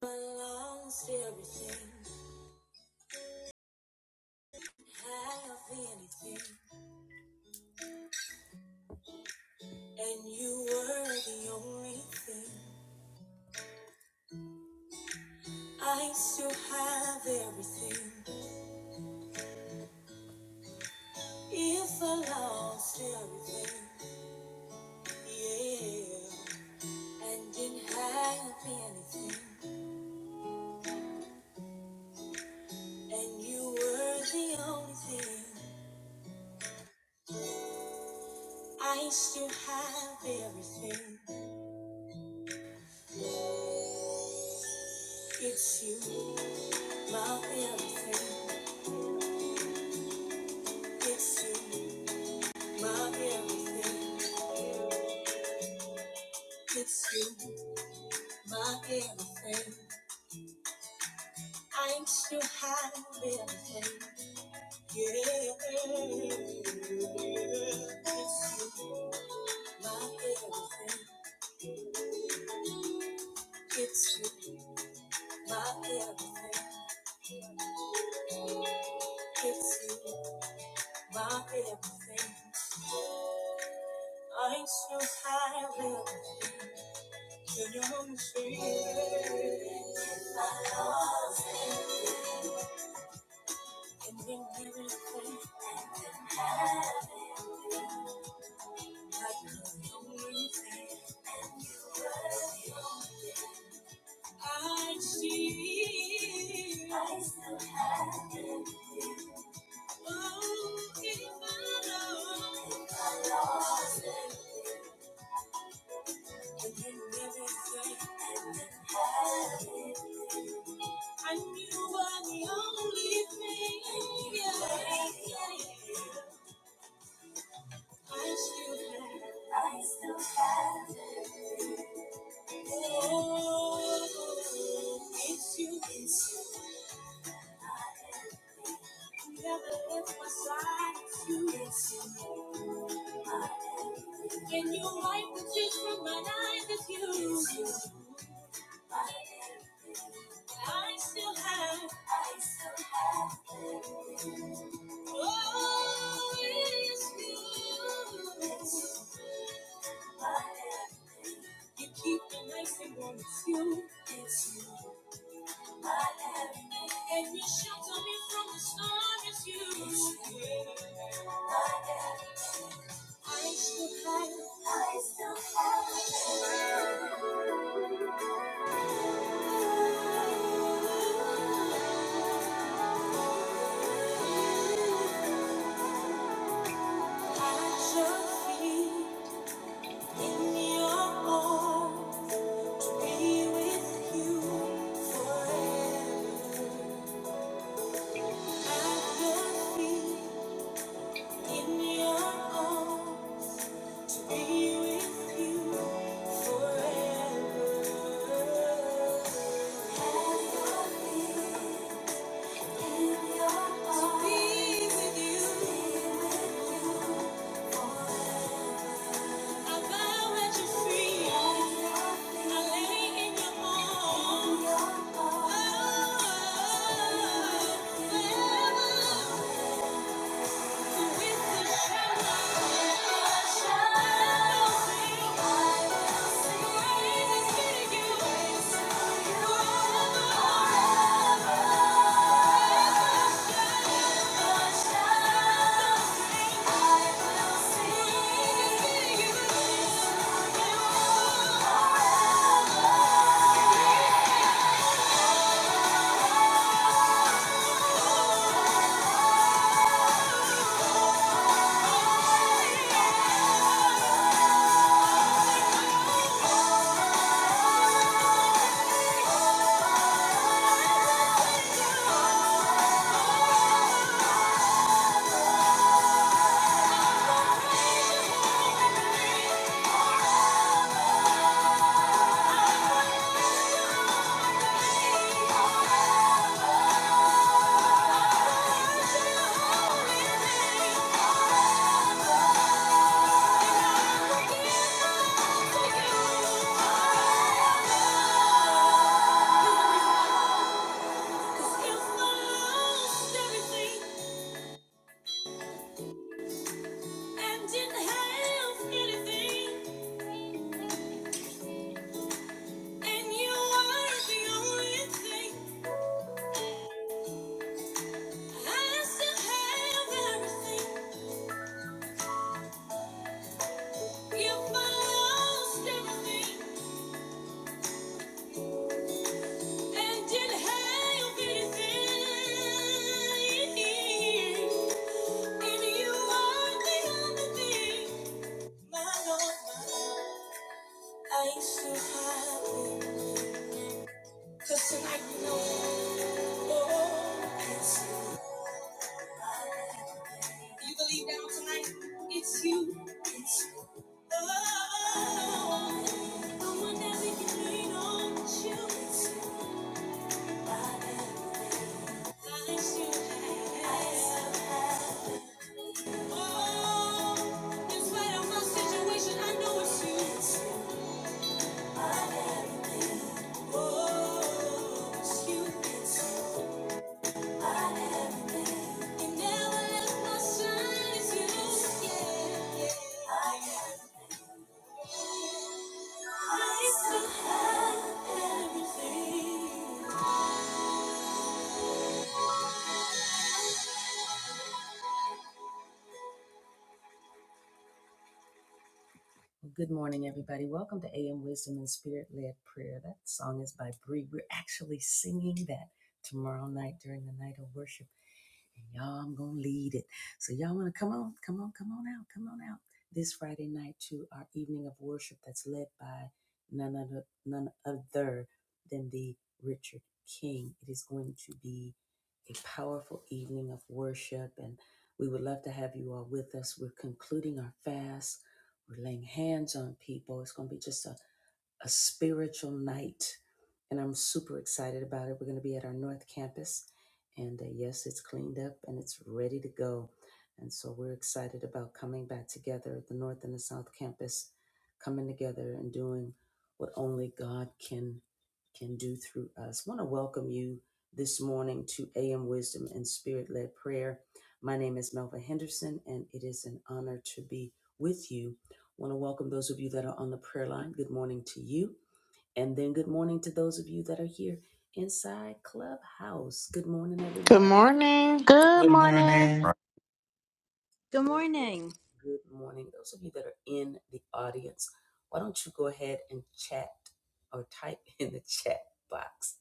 belongs to everything, didn't have anything, and you were the only thing. I still have everything, if I lost everything, yeah, and didn't have anything, and you were the only thing. I still have everything. It's you, my everything. It's you, my everything. It's you. My everything. I'm so happy. Yeah. It's you. My everything. It's you. My everything. It's you. My everything. I'm so happy. Can you understand? If I lost it. And then everything. Like a lonely thing. I see. I still have it. Oh, if I know. It wasn't. And then everything. I knew you were the only thing. And you I still have. I still have. Oh, it's you. It's you. I am. Never left my side. It's you. It's you. Can you wipe the tears from my eyes? It's you. I still have. I still have. Oh, it's you. It's you. My love. You keep me nice and warm. It's you. It's you. My love. And you shelter me from the storm. It's you. It's you. My love. I still have. I still have. Forever. Thank you. Didn't have anything. In you are the only thing, my Lord, my have Cause tonight you know, oh, it's you. You believe that tonight, it's you. It's Oh, the one that we can lean on, you. It's you. I have, I still have. Oh, in spite of my situation, I know it's you. I still have everything. Well, Good morning, everybody. Welcome to AM Wisdom and Spirit Led Prayer. That song is by Bree. We're actually singing that tomorrow night during the night of worship. And y'all, I'm going to lead it. So, y'all want to come on, come on, come on out, come on out this Friday night to our evening of worship that's led by none other, none other than the Richard King. It is going to be a powerful evening of worship, and we would love to have you all with us. We're concluding our fast we're laying hands on people. It's going to be just a, a spiritual night. And I'm super excited about it. We're going to be at our North Campus. And uh, yes, it's cleaned up and it's ready to go. And so we're excited about coming back together, at the North and the South Campus, coming together and doing what only God can can do through us. want to welcome you this morning to AM Wisdom and Spirit Led Prayer. My name is Melva Henderson, and it is an honor to be with you I want to welcome those of you that are on the prayer line. Good morning to you. And then good morning to those of you that are here inside Clubhouse. Good morning, Good everybody. morning. Good Good morning. morning, Good Good, morning. good morning. Those of you that are in the audience, why don't you go ahead and chat or type in the chat box?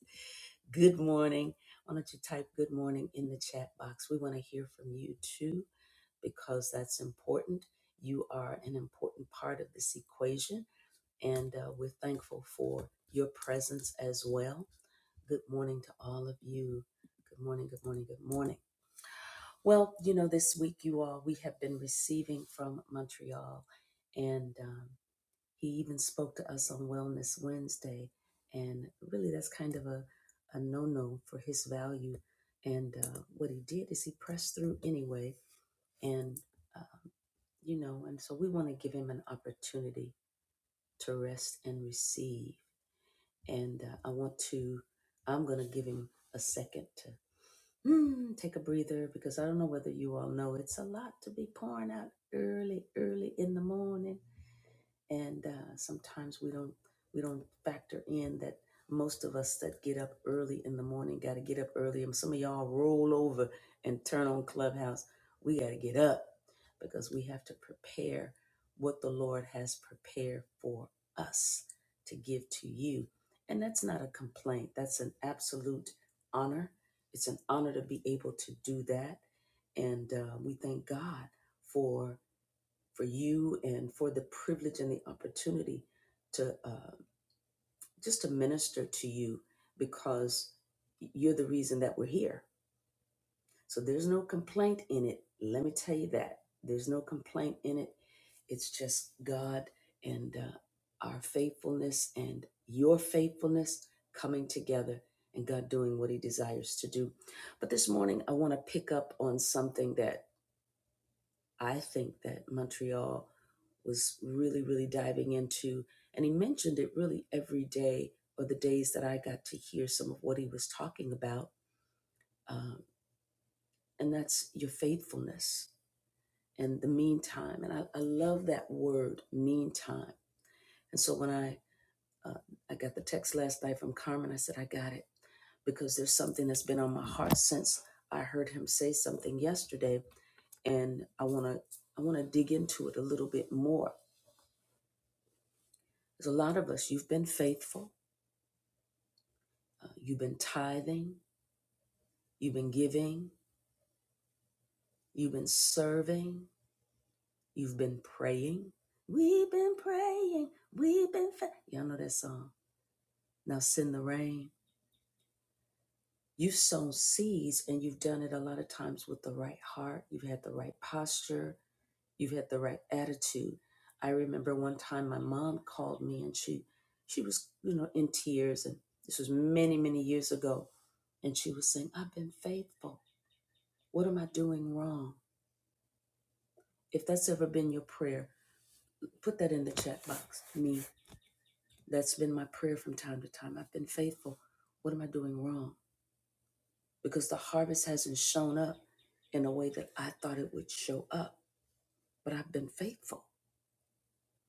Good morning. Why don't you type good morning in the chat box? We want to hear from you too, because that's important. You are an important part of this equation and uh, we're thankful for your presence as well. Good morning to all of you. Good morning, good morning, good morning. Well, you know, this week, you all, we have been receiving from Montreal, and um, he even spoke to us on Wellness Wednesday. And really, that's kind of a, a no no for his value. And uh, what he did is he pressed through anyway. And, uh, you know, and so we want to give him an opportunity to rest and receive and uh, I want to, I'm going to give him a second to hmm, take a breather because I don't know whether you all know it's a lot to be pouring out early, early in the morning and uh, sometimes we don't we don't factor in that most of us that get up early in the morning got to get up early and some of y'all roll over and turn on clubhouse we got to get up because we have to prepare what the lord has prepared for us to give to you and that's not a complaint that's an absolute honor it's an honor to be able to do that and uh, we thank god for for you and for the privilege and the opportunity to uh, just to minister to you because you're the reason that we're here. So there's no complaint in it. Let me tell you that there's no complaint in it. It's just God and uh, our faithfulness and your faithfulness coming together and God doing what He desires to do. But this morning, I want to pick up on something that I think that Montreal was really, really diving into, and he mentioned it really every day or the days that I got to hear some of what he was talking about. Um, and that's your faithfulness and the meantime. And I, I love that word, meantime. And so when I, uh, I got the text last night from Carmen, I said, I got it because there's something that's been on my heart since I heard him say something yesterday, and I want to I want to dig into it a little bit more. There's a lot of us, you've been faithful, uh, you've been tithing, you've been giving, you've been serving, you've been praying. We've been praying, we've been, fa- y'all know that song. Now send the rain. You've sown seeds and you've done it a lot of times with the right heart. You've had the right posture, you've had the right attitude. I remember one time my mom called me and she, she was, you know, in tears. And this was many, many years ago. And she was saying, I've been faithful. What am I doing wrong? If that's ever been your prayer, put that in the chat box. Me, that's been my prayer from time to time. I've been faithful. What am I doing wrong? Because the harvest hasn't shown up in a way that I thought it would show up, but I've been faithful.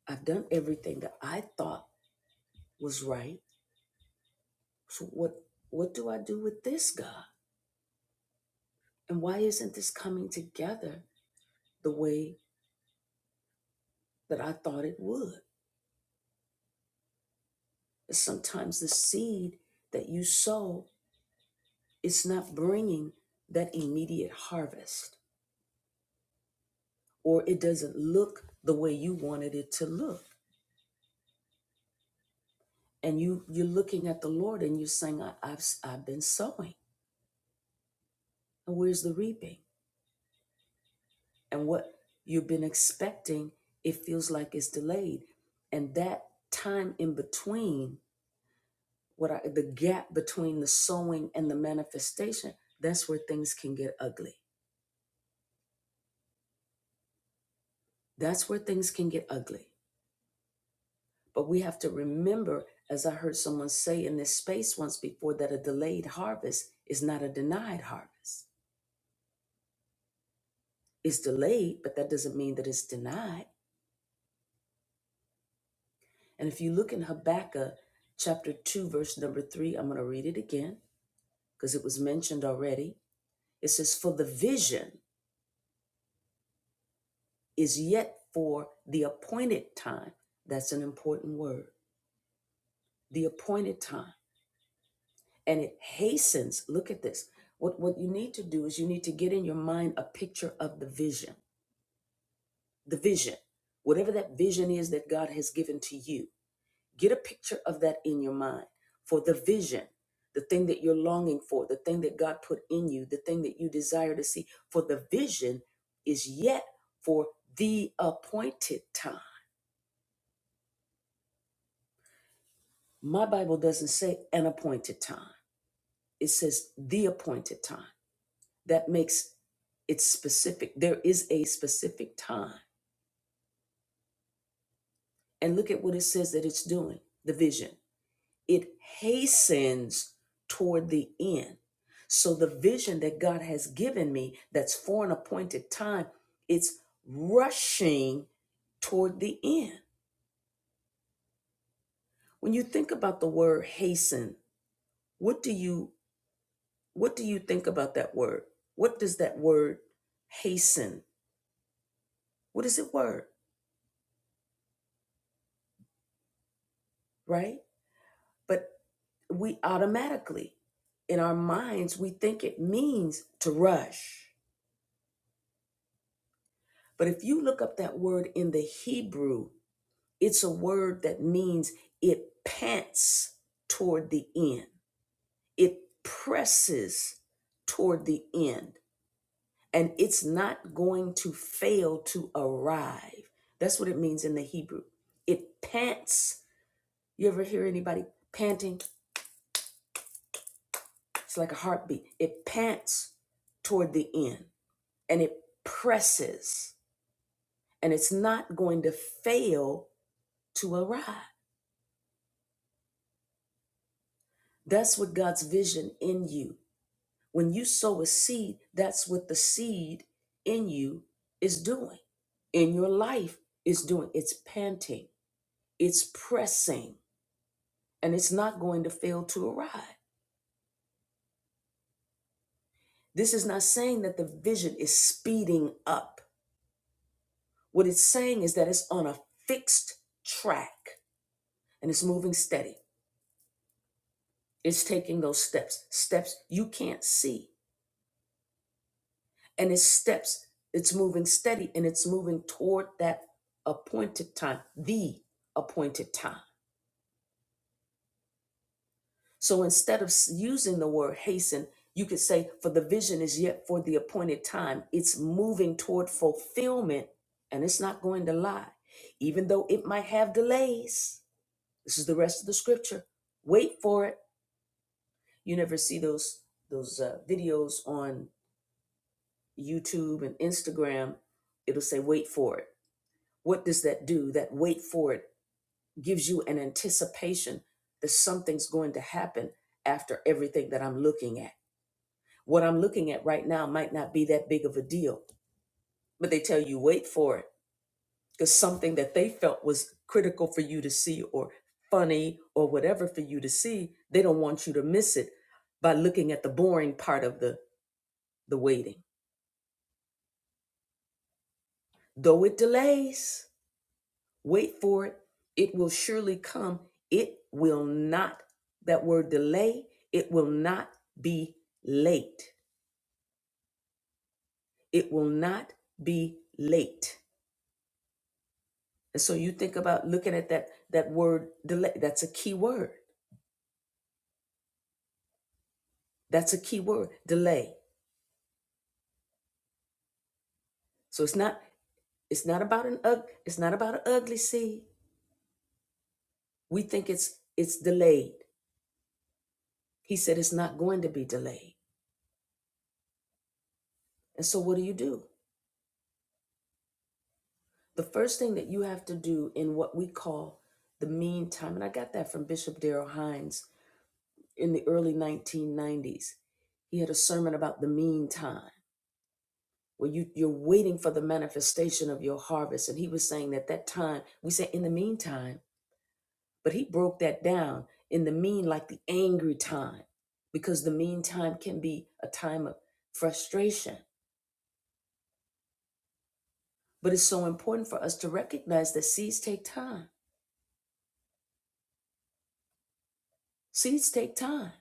I've done everything that I thought was right. So what what do I do with this God? And why isn't this coming together the way that I thought it would? Sometimes the seed that you sow it's not bringing that immediate harvest or it doesn't look the way you wanted it to look and you you're looking at the lord and you're saying I, i've i i've been sowing and where's the reaping and what you've been expecting it feels like it's delayed and that time in between what I, the gap between the sowing and the manifestation that's where things can get ugly that's where things can get ugly But we have to remember, as I heard someone say in this space once before, that a delayed harvest is not a denied harvest. It's delayed, but that doesn't mean that it's denied. And if you look in Habakkuk chapter 2, verse number 3, I'm going to read it again because it was mentioned already. It says, For the vision is yet for the appointed time. That's an important word. The appointed time. and it hastens. Look at this. What what you need to do is you need to get in your mind a picture of the vision. The vision. Whatever that vision is that God has given to you. Get a picture of that in your mind for the vision, the thing that you're longing for, the thing that God put in you, the thing that you desire to see. For the vision is yet for the appointed time. My Bible doesn't say an appointed time. It says the appointed time. that makes it specific. There is a specific time. And look at what it says that it's doing the vision. It hastens toward the end. So the vision that God has given me that's for an appointed time, it's rushing toward the end. When you think about the word hasten, what do you what do you think about that word? What does that word hasten? What is it word, right? but. we automatically in our minds we think it means to rush but if you look up that word in the hebrew it's a word that means it pants toward the end it presses toward the end and it's not going to fail to arrive that's what it means in the hebrew it pants you ever hear anybody panting it's like a heartbeat it pants toward the end and it presses and it's not going to fail to arrive. That's what God's vision in you. When you sow a seed, that's what the seed in you is doing, in your life is doing. It's panting, it's pressing, and it's not going to fail to arrive. This is not saying that the vision is speeding up. What it's saying is that it's on a fixed track and it's moving steady. It's taking those steps, steps you can't see. And it's steps, it's moving steady and it's moving toward that appointed time, the appointed time. So instead of s- using the word hasten, you could say, for the vision is yet for the appointed time. It's moving toward fulfillment and it's not going to lie, even though it might have delays. This is the rest of the scripture. Wait for it. You never see those those uh, videos on YouTube and Instagram, it'll say wait for it. What does that do? That wait for it gives you an anticipation that something's going to happen after everything that I'm looking at. What I'm looking at right now might not be that big of a deal, but they tell you wait for it because something that they felt was critical for you to see or funny or whatever for you to see, they don't want you to miss it by looking at the boring part of the the waiting. Though it delays, Wait for it. It will surely come. It will not, that word delay, it will not be late. It will not be late. And so you think about looking at that that word delay. That's a key word. That's a key word, delay. So it's not it's not about an ug, it's not about an ugly seed. We think it's it's delayed. He said it's not going to be delayed. And so what do you do? The first thing that you have to do in what we call the meantime, and I got that from Bishop Darrell Hines in the early 1990s. He had a sermon about the meantime, where you, you're waiting for the manifestation of your harvest. And he was saying that that time, we say in the meantime, but he broke that down in the mean, like the angry time, because the meantime can be a time of frustration. But it's so important for us to recognize that seeds take time. Seeds take time.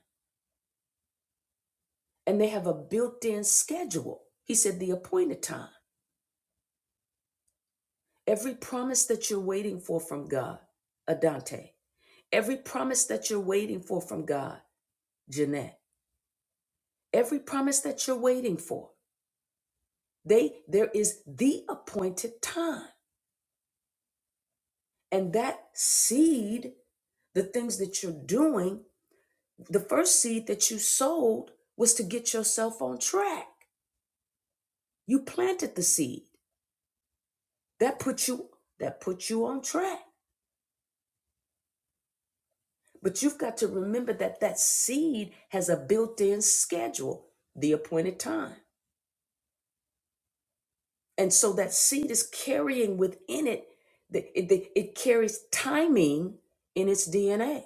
and they have a built in schedule. He said, the appointed time. Every promise that you're waiting for from God, Adante. Every promise that you're waiting for from God, Jeanette. Every promise that you're waiting for, they there is the appointed time. And that seed, the things that you're doing, the first seed that you sowed was to get yourself on track. You planted the seed. That put you that put you on track But you've got to remember that that seed has a built in schedule, the appointed time. And so that seed is carrying within it, the, it, the- it carries timing in its DNA.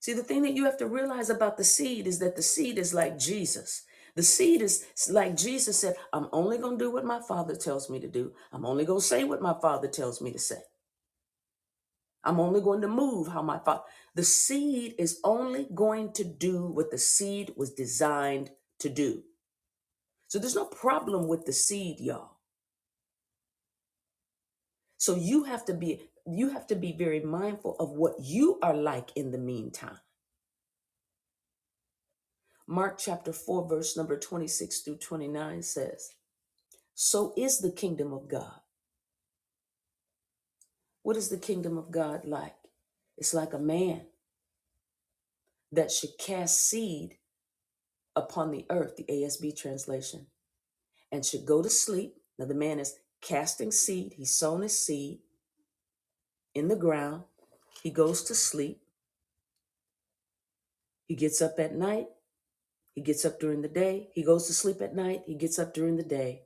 See, the thing that you have to realize about the seed is that the seed is like Jesus. The seed is like Jesus said, I'm only going to do what my father tells me to do. I'm only going to say what my father tells me to say. I'm only going to move how my father. The seed is only going to do what the seed was designed to do. So there's no problem with the seed, y'all. So you have to be you have to be very mindful of what you are like in the meantime. Mark chapter 4 verse number 26 through 29 says, "So is the kingdom of God. What is the kingdom of God like? It's like a man that should cast seed upon the earth, the ASB translation and should go to sleep. Now, the man is casting seed. He's sown his seed in the ground. He goes to sleep. He gets up at night. He gets up during the day. He goes to sleep at night. He gets up during the day.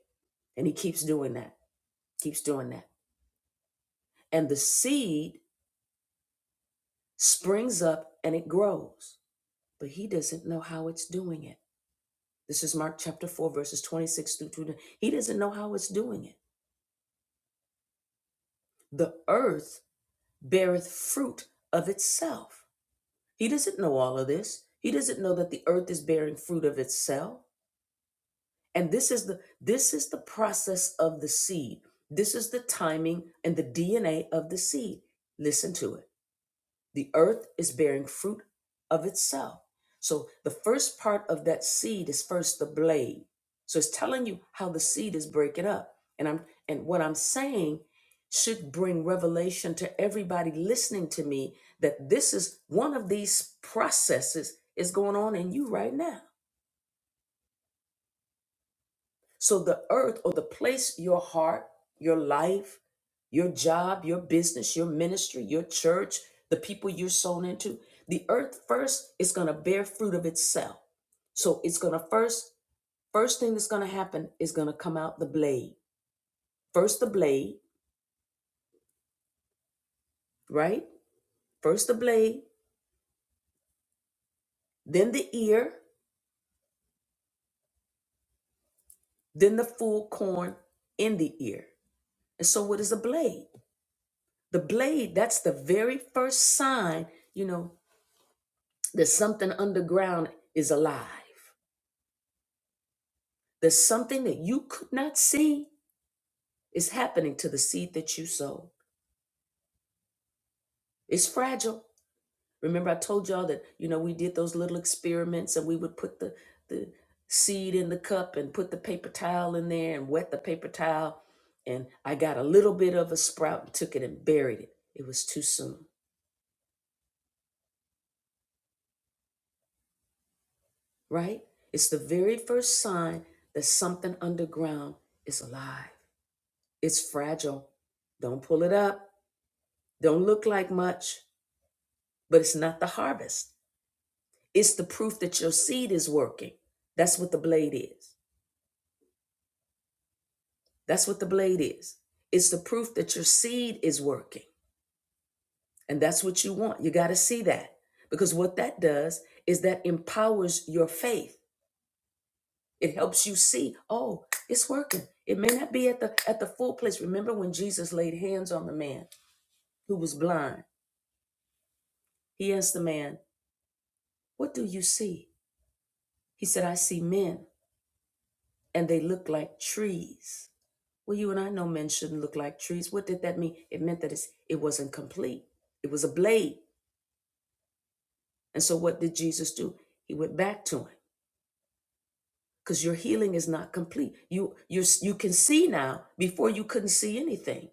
And he keeps doing that, keeps doing that. And the seed springs up and it grows, but he doesn't know how it's doing it. This is Mark chapter 4, verses 26 through 29. He doesn't know how it's doing it. The earth beareth fruit of itself He doesn't know all of this. He doesn't know that the earth is bearing fruit of itself. And this is the this is the process of the seed. This is the timing and the DNA of the seed. Listen to it. The earth is bearing fruit of itself. So the first part of that seed is first the blade. So it's telling you how the seed is breaking up. And I'm and what I'm saying should bring revelation to everybody listening to me that this is one of these processes is going on in you right now. So the earth or the place your heart, your life, your job, your business, your ministry, your church, the people you're sown into, the earth first is going to bear fruit of itself. So it's going to first, first thing that's going to happen is going to come out the blade. First the blade, right? First the blade, then the ear, then the full corn in the ear. And so what is a blade? The blade, that's the very first sign, you know, There's something underground is alive. There's something that you could not see is happening to the seed that you sow. It's fragile. Remember, I told y'all that, you know, we did those little experiments and we would put the, the seed in the cup and put the paper towel in there and wet the paper towel. And I got a little bit of a sprout and took it and buried it. It was too soon, right? It's the very first sign that something underground is alive. It's fragile. Don't pull it up. Don't look like much, but it's not the harvest. It's the proof that your seed is working. That's what the blade is. That's what the blade is. It's the proof that your seed is working. And that's what you want. You got to see that because what that does is that empowers your faith. It helps you see, oh, it's working. It may not be at the at the full place. Remember when Jesus laid hands on the man who was blind? He asked the man, "What do you see?" He said, "I see men." and they look like trees. Well, you and I know men shouldn't look like trees. What did that mean? It meant that it's, it wasn't complete, it was a blade. And so, what did Jesus do? He went back to him because your healing is not complete. You, you, you can see now before you couldn't see anything,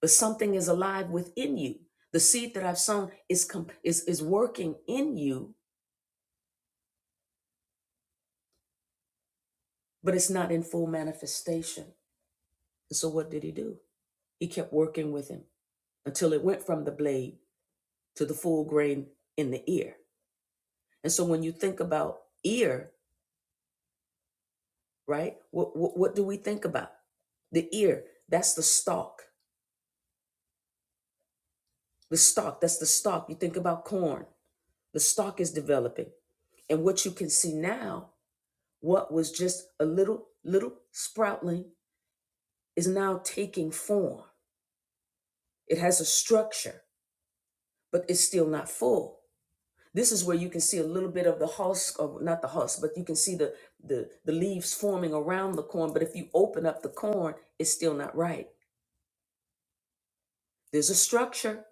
but something is alive within you. The seed that I've sown is, com- is, is working in you, but it's not in full manifestation. And so, what did he do? He kept working with him until it went from the blade to the full grain in the ear. And so when you think about ear, right? What what, what do we think about? The ear, that's the stalk. The stalk, that's the stalk. You think about corn. The stalk is developing. And what you can see now, what was just a little little sproutling is now taking form. It has a structure, but it's still not full. This is where you can see a little bit of the husk, or not the husk, but you can see the, the, the leaves forming around the corn. But if you open up the corn, it's still not ripe. There's a structure,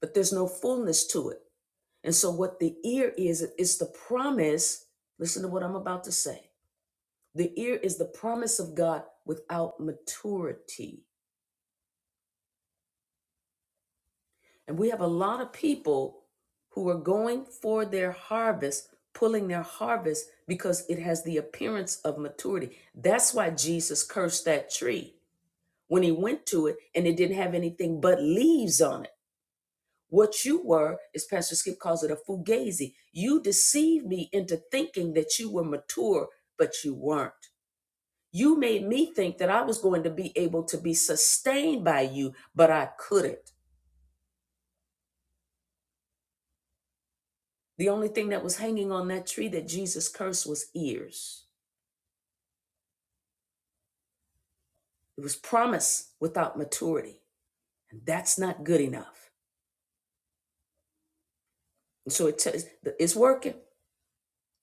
but there's no fullness to it. And so, what the ear is, it's the promise. Listen to what I'm about to say. The ear is the promise of God without maturity. And we have a lot of people who are going for their harvest, pulling their harvest because it has the appearance of maturity. That's why Jesus cursed that tree when he went to it and it didn't have anything but leaves on it. What you were, as Pastor Skip calls it, a fugazi. You deceived me into thinking that you were mature, but you weren't. You made me think that I was going to be able to be sustained by you, but I couldn't. The only thing that was hanging on that tree that Jesus cursed was ears. It was promise without maturity. And that's not good enough. And so it tells it's working,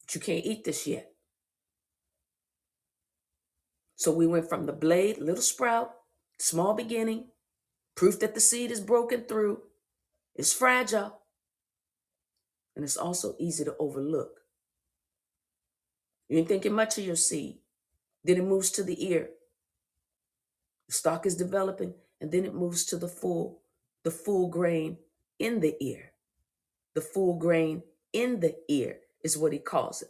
but you can't eat this yet. So we went from the blade, little sprout, small beginning, proof that the seed is broken through, it's fragile, and it's also easy to overlook. You ain't thinking much of your seed. Then it moves to the ear. The stalk is developing, and then it moves to the full, the full grain in the ear. The full grain in the ear is what he calls it.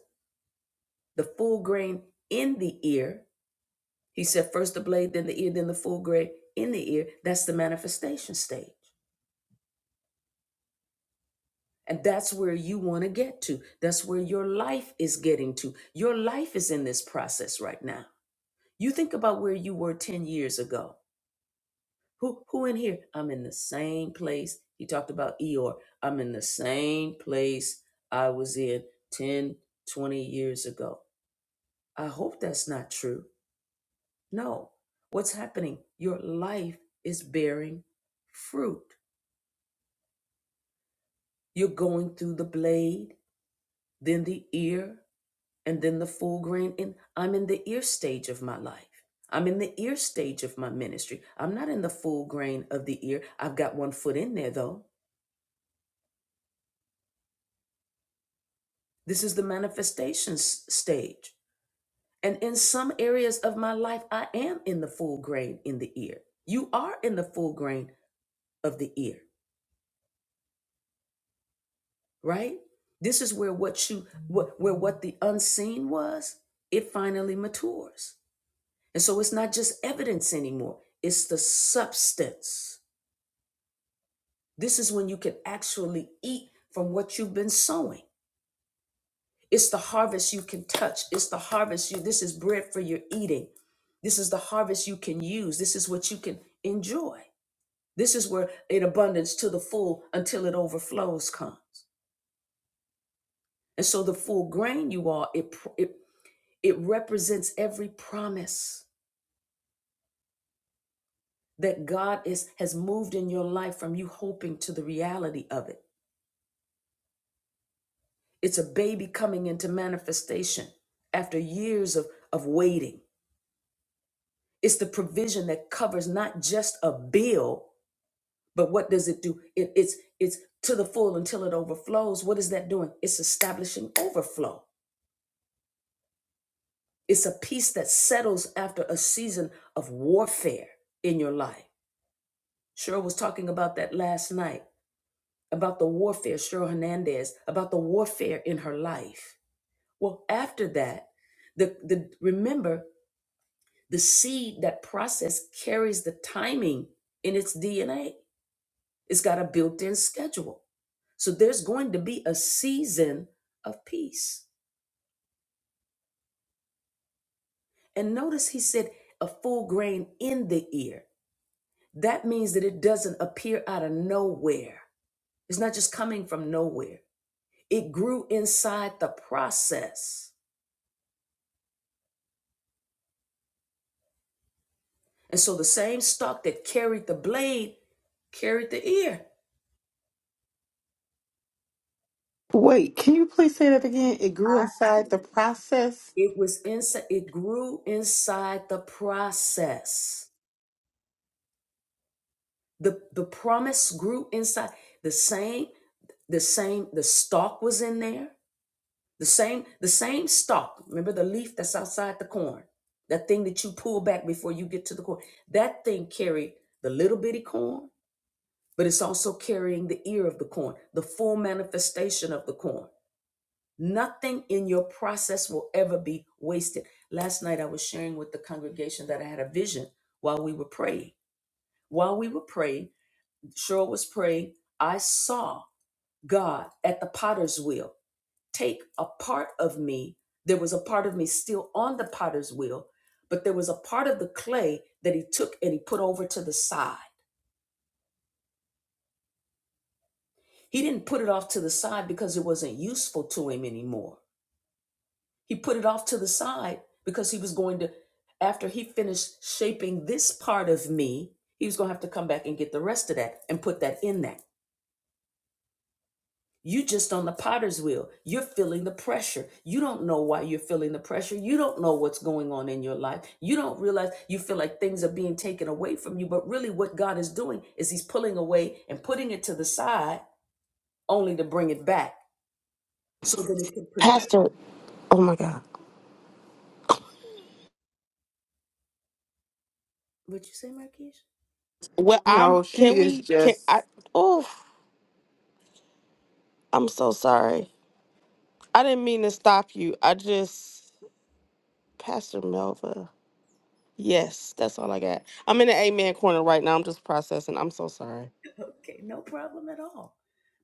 The full grain in the ear, he said first the blade, then the ear, then the full grain in the ear. That's the manifestation stage. And that's where you want to get to. That's where your life is getting to. Your life is in this process right now. You think about where you were 10 years ago. Who who in here? I'm in the same place. He talked about Eeyore. I'm in the same place I was in 10, 20 years ago. I hope that's not true. No. What's happening? Your life is bearing fruit. You're going through the blade, then the ear, and then the full grain. And I'm in the ear stage of my life. I'm in the ear stage of my ministry. I'm not in the full grain of the ear. I've got one foot in there, though. This is the manifestation s- stage. And in some areas of my life, I am in the full grain in the ear. You are in the full grain of the ear. right? This is where what you what where what the unseen was, it finally matures. And so it's not just evidence anymore, it's the substance. This is when you can actually eat from what you've been sowing. It's the harvest you can touch. It's the harvest you this is bread for your eating. This is the harvest you can use. This is what you can enjoy. This is where in abundance to the full until it overflows comes. And so the full grain you are, it, it It represents every promise that God is has moved in your life from you hoping to the reality of it. It's a baby coming into manifestation after years of, of waiting. It's the provision that covers not just a bill, but what does it do? It, it's it's to the full until it overflows. What is that doing? It's establishing overflow. It's a peace that settles after a season of warfare in your life. Cheryl was talking about that last night about the warfare, Cheryl Hernandez, about the warfare in her life. Well, after that, the, the remember the seed that process carries the timing in its DNA. It's got a built-in schedule. So there's going to be a season of peace. And notice he said a full grain in the ear. That means that it doesn't appear out of nowhere. It's not just coming from nowhere. It grew inside the process And so the same stalk that carried the blade carried the ear. Wait, can you please say that again? It grew Huh? inside the process. It was inside, it grew inside the process. The the promise grew inside the same, the same, the stalk was in there. The same, the same stalk. Remember the leaf that's outside the corn. That thing that you pull back before you get to the corn. That thing carried the little bitty corn, but it's also carrying the ear of the corn, the full manifestation of the corn. Nothing in your process will ever be wasted. Last night I was sharing with the congregation that I had a vision while we were praying. While we were praying, Cheryl was praying, I saw God at the potter's wheel take a part of me. There was a part of me still on the potter's wheel, but there was a part of the clay that he took and he put over to the side. He didn't put it off to the side because it wasn't useful to him anymore. He put it off to the side because he was going to, after he finished shaping this part of me, he was going to have to come back and get the rest of that and put that in that. You just on the potter's wheel. You're feeling the pressure. You don't know why you're feeling the pressure. You don't know what's going on in your life. You don't realize you feel like things are being taken away from you. But really, what God is doing is He's pulling away and putting it to the side only to bring it back so that it can produce. Pastor. Oh my God. What would you say, Marquise? Well, I'm. No, she Can is we? Can just. I? Oh, I'm so sorry. I didn't mean to stop you. I just, Pastor Melva. Yes, that's all I got. I'm in the Amen corner right now. I'm just processing. I'm so sorry. Okay, no problem at all.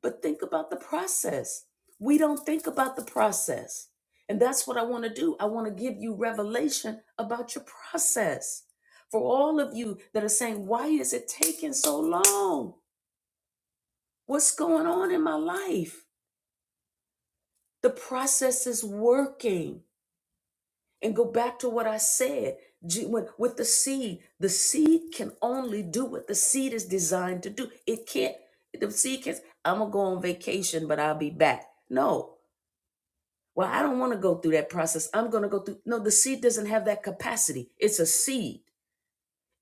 But think about the process. We don't think about the process. And that's what I want to do. I want to give you revelation about your process. For all of you that are saying, why is it taking so long? What's going on in my life? The process is working. and go back to what I said G- when- with the seed. The seed can only do what the seed is designed to do. It can't, the seed can't, I'm going to go on vacation, but I'll be back. No. Well, I don't want to go through that process. I'm going to go through. No, the seed doesn't have that capacity. It's a seed.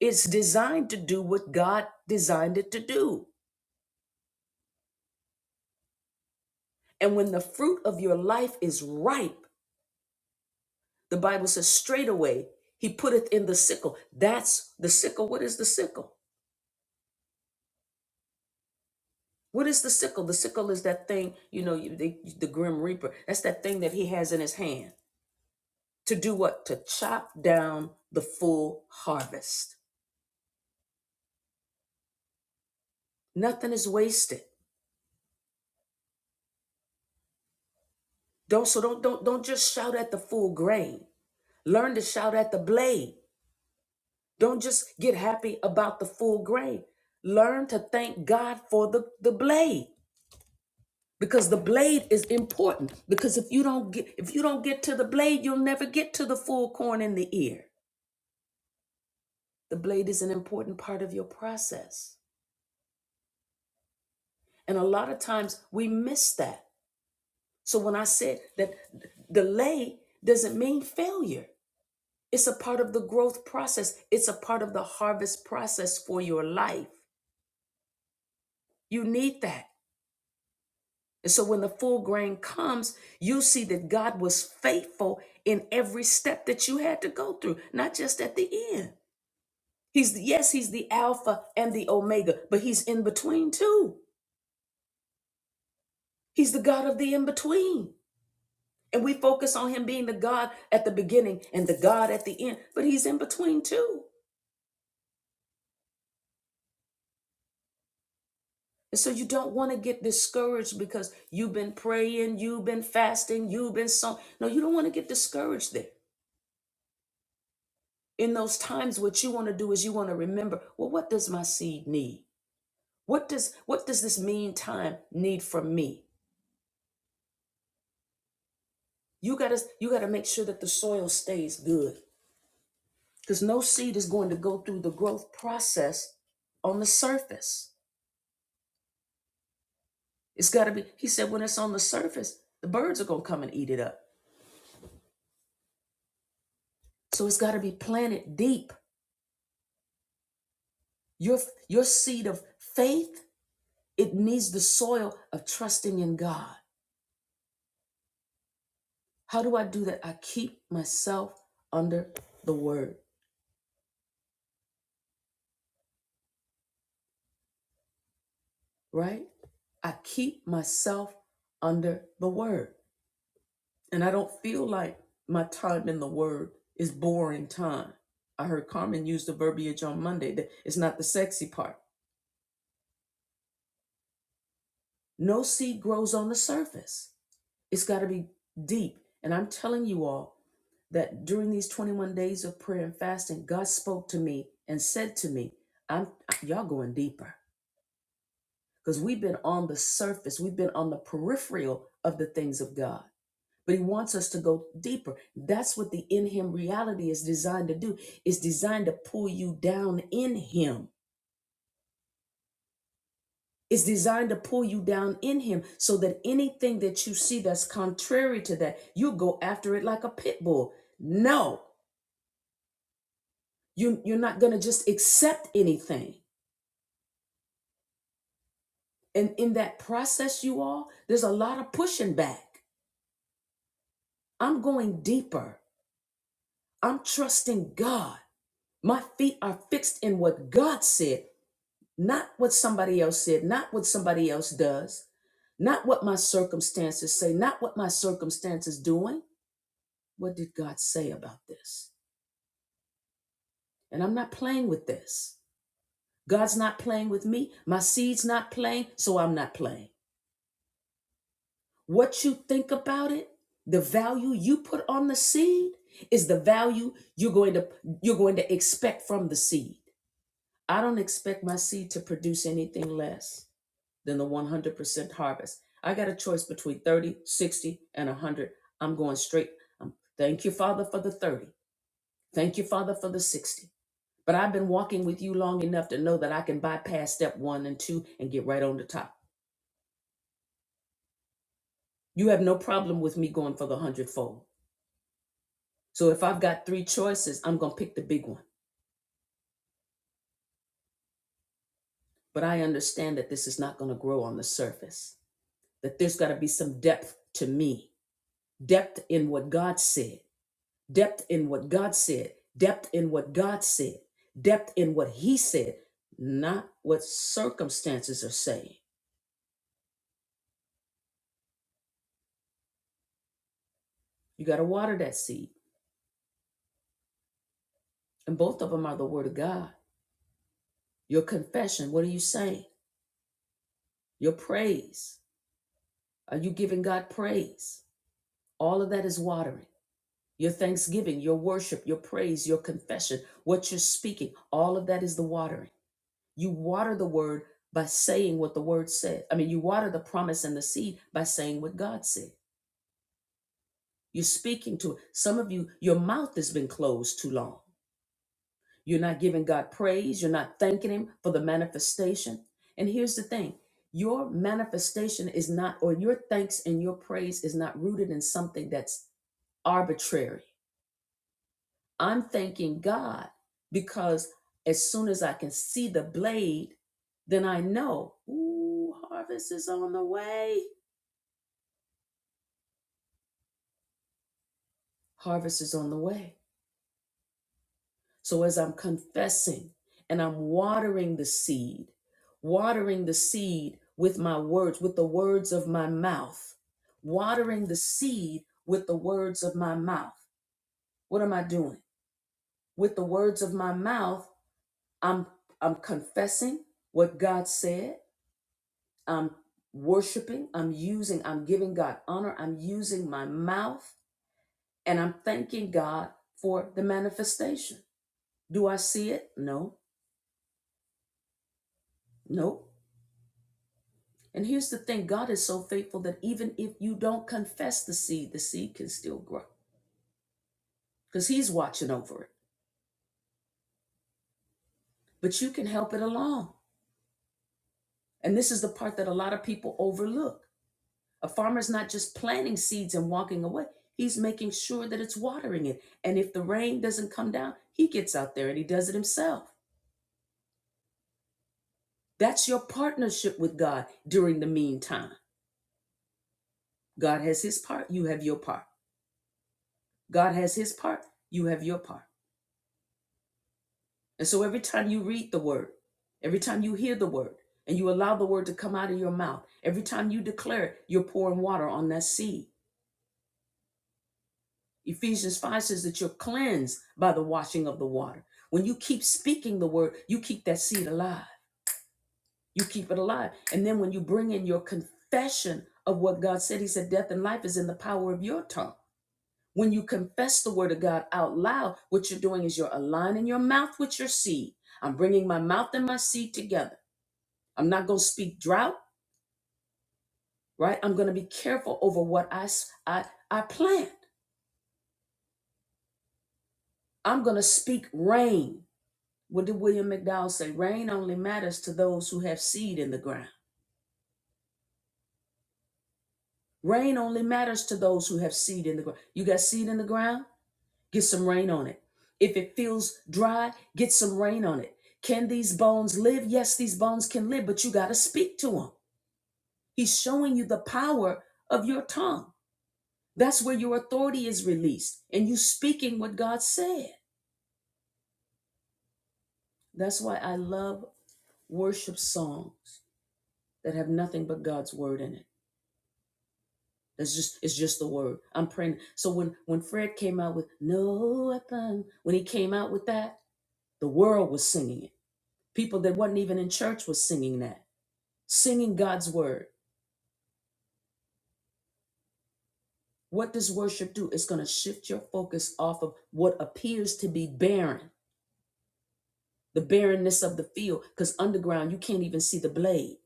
It's designed to do what God designed it to do. And when the fruit of your life is ripe, the Bible says straightaway, he putteth in the sickle. That's the sickle. What is the sickle? What is the sickle? The sickle is that thing, you know, you- the, the grim reaper. That's that thing that he has in his hand to do what? To chop down the full harvest. Nothing is wasted. Don't so don't don't don't just shout at the full grain. Learn to shout at the blade. Don't just get happy about the full grain. Learn to thank God for the the blade because the blade is important because if you don't get if you don't get to the blade, you'll never get to the full corn in the ear. The blade is an important part of your process. And a lot of times we miss that. So when I said that delay doesn't mean failure, it's a part of the growth process, it's a part of the harvest process for your life. You need that. And so when the full grain comes, you see that God was faithful in every step that you had to go through, not just at the end. He's yes, he's the alpha and the omega, but he's in between too. He's the God of the in between. And we focus on him being the God at the beginning and the God at the end, but he's in between too. And so you don't want to get discouraged because you've been praying, you've been fasting, you've been so. No, you don't want to get discouraged there. In those times, what you want to do is you want to remember, well, what does my seed need? What does what does this mean time need from me? You gotta you gotta make sure that the soil stays good. Because no seed is going to go through the growth process on the surface. It's got to be, he said, when it's on the surface, the birds are going to come and eat it up. So it's got to be planted deep. Your, your seed of faith, it needs the soil of trusting in God. How do I do that? I keep myself under the word, right? I keep myself under the word. And I don't feel like my time in the word is boring time. I heard Carmen use the verbiage on Monday that it's not the sexy part. No seed grows on the surface. It's got to be deep. And I'm telling you all that during these 21 days of prayer and fasting, God spoke to me and said to me, I'm y'all going deeper. Because we've been on the surface, we've been on the peripheral of the things of God. But he wants us to go deeper. That's what the in him reality is designed to do. It's designed to pull you down in him. It's designed to pull you down in him so that anything that you see that's contrary to that, you go after it like a pit bull. No, You, you're not going to just accept anything. And in that process, you all, there's a lot of pushing back. I'm going deeper. I'm trusting God. My feet are fixed in what God said, not what somebody else said, not what somebody else does, not what my circumstances say, not what my circumstances doing. What did God say about this? And I'm not playing with this. God's not playing with me. My seed's not playing, so I'm not playing. What you think about it, the value you put on the seed is the value you're going to you're going to expect from the seed. I don't expect my seed to produce anything less than the 100% harvest. I got a choice between 30, 60, and 100. I'm going straight. Um, thank you, Father, for the 30. Thank you, Father, for the 60. But I've been walking with you long enough to know that I can bypass step one and two and get right on the top. You have no problem with me going for the hundredfold. So if I've got three choices, I'm going to pick the big one. But I understand that this is not going to grow on the surface, that there's got to be some depth to me, depth in what God said, depth in what God said, depth in what God said, depth in what He said, not what circumstances are saying. You got to water that seed. And both of them are the Word of God. Your confession, what are you saying? Your praise. Are you giving God praise? All of that is watering. Your thanksgiving, your worship, your praise, your confession, what you're speaking, all of that is the watering. You water the word by saying what the word said. I mean, you water the promise and the seed by saying what God said. You're speaking to it. Some of you, your mouth has been closed too long. You're not giving God praise. You're not thanking Him for the manifestation. And here's the thing your manifestation is not, or your thanks and your praise is not rooted in something that's arbitrary I'm thanking God because as soon as I can see the blade, then I know, ooh, harvest is on the way. Harvest is on the way. So as I'm confessing and I'm watering the seed, watering the seed with my words, with the words of my mouth, watering the seed with the words of my mouth. What am I doing? With the words of my mouth, I'm I'm confessing what God said. I'm worshiping, I'm using, I'm giving God honor, I'm using my mouth, and I'm thanking God for the manifestation. Do I see it? No, no. And here's the thing God is so faithful that even if you don't confess the seed, the seed can still grow because He's watching over it, but you can help it along. And this is the part that a lot of people overlook. A farmer's not just planting seeds and walking away. He's making sure that it's watering it. And if the rain doesn't come down, he gets out there and he does it himself. That's your partnership with God during the meantime. God has his part, you have your part. God has his part, you have your part. And so every time you read the word, every time you hear the word, and you allow the word to come out of your mouth, every time you declare, it, you're pouring water on that seed. Ephesians 5 says that you're cleansed by the washing of the water. When you keep speaking the word, you keep that seed alive. You keep it alive. And then when you bring in your confession of what God said, He said, death and life is in the power of your tongue. When you confess the word of God out loud, what you're doing is you're aligning your mouth with your seed. I'm bringing my mouth and my seed together. I'm not going to speak drought, right? I'm going to be careful over what I I I plant. I'm going to speak rain. What did William McDowell say? Rain only matters to those who have seed in the ground. Rain only matters to those who have seed in the ground. You got seed in the ground? Get some rain on it. If it feels dry, get some rain on it. Can these bones live? Yes, these bones can live, but you got to speak to them. He's showing you the power of your tongue. That's where your authority is released and you speaking what God said. That's why I love worship songs that have nothing but God's word in it That's just it's just the word. I'm praying. So when when Fred came out with no weapon, when he came out with that, the world was singing it. People that wasn't even in church was singing that, singing God's word. What does worship do? It's gonna shift your focus off of what appears to be barren, the barrenness of the field, because underground you can't even see the blade.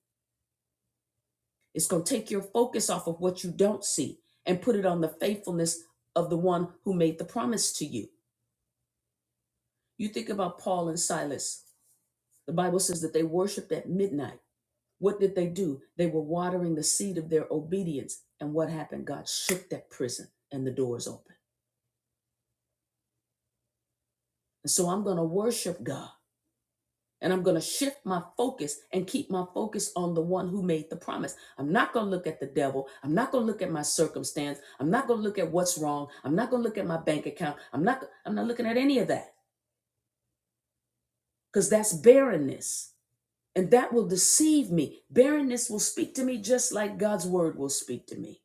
It's gonna take your focus off of what you don't see and put it on the faithfulness of the one who made the promise to you. You think about Paul and Silas The Bible says that they worshiped at midnight. What did they do? They were watering the seed of their obedience. And what happened? God shook that prison and the doors opened. And so I'm going to worship God and I'm going to shift my focus and keep my focus on the one who made the promise. I'm not going to look at the devil. I'm not going to look at my circumstance. I'm not going to look at what's wrong. I'm not going to look at my bank account. I'm not I'm not looking at any of that cuz that's barrenness. And that will deceive me. Barrenness will speak to me just like God's word will speak to me.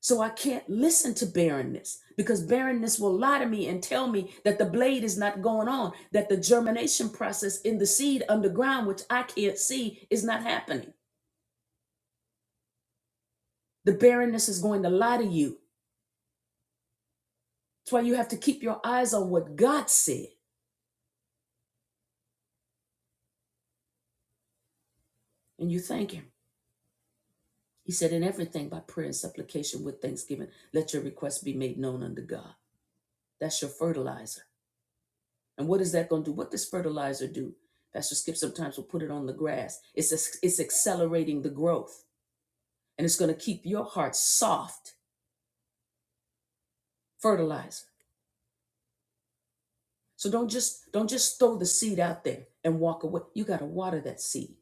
So I can't listen to barrenness because barrenness will lie to me and tell me that the blade is not going on, that the germination process in the seed underground, which I can't see, is not happening. The barrenness is going to lie to you. That's why you have to keep your eyes on what God said and you thank Him. He said, In everything by prayer and supplication with thanksgiving, let your requests be made known unto God. That's your fertilizer. And what is that going to do? What does fertilizer do? Pastor Skip sometimes will put it on the grass. It's a, it's accelerating the growth, and it's going to keep your heart soft. Fertilizer. So don't just don't just throw the seed out there and walk away. You got to water that seed.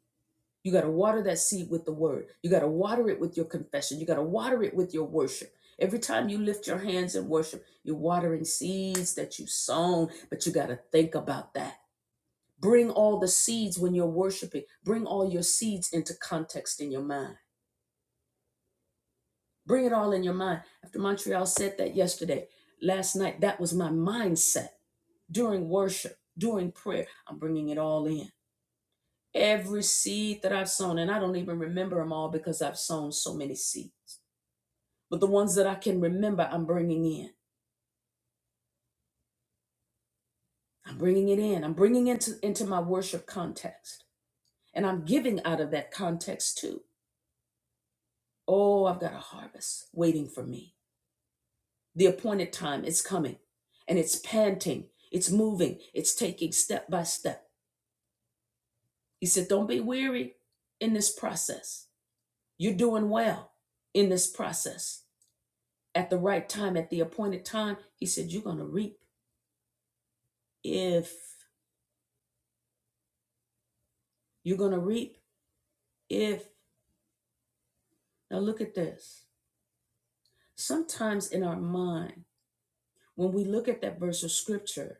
You got to water that seed with the word. You got to water it with your confession. You got to water it with your worship. Every time you lift your hands in worship, you're watering seeds that you've sown, but you got to think about that. Bring all the seeds when you're worshiping. Bring all your seeds into context in your mind. Bring it all in your mind. After Montreal said that yesterday, last night, that was my mindset during worship, during prayer. I'm bringing it all in. Every seed that I've sown, and I don't even remember them all because I've sown so many seeds. But the ones that I can remember, I'm bringing in. I'm bringing it in. I'm bringing it into, into my worship context. And I'm giving out of that context too. Oh, I've got a harvest waiting for me. The appointed time is coming and it's panting, it's moving, it's taking step by step. He said, Don't be weary in this process. You're doing well in this process. At the right time, at the appointed time, he said, You're going to reap if you're going to reap if. Now, look at this. Sometimes in our mind, when we look at that verse of scripture,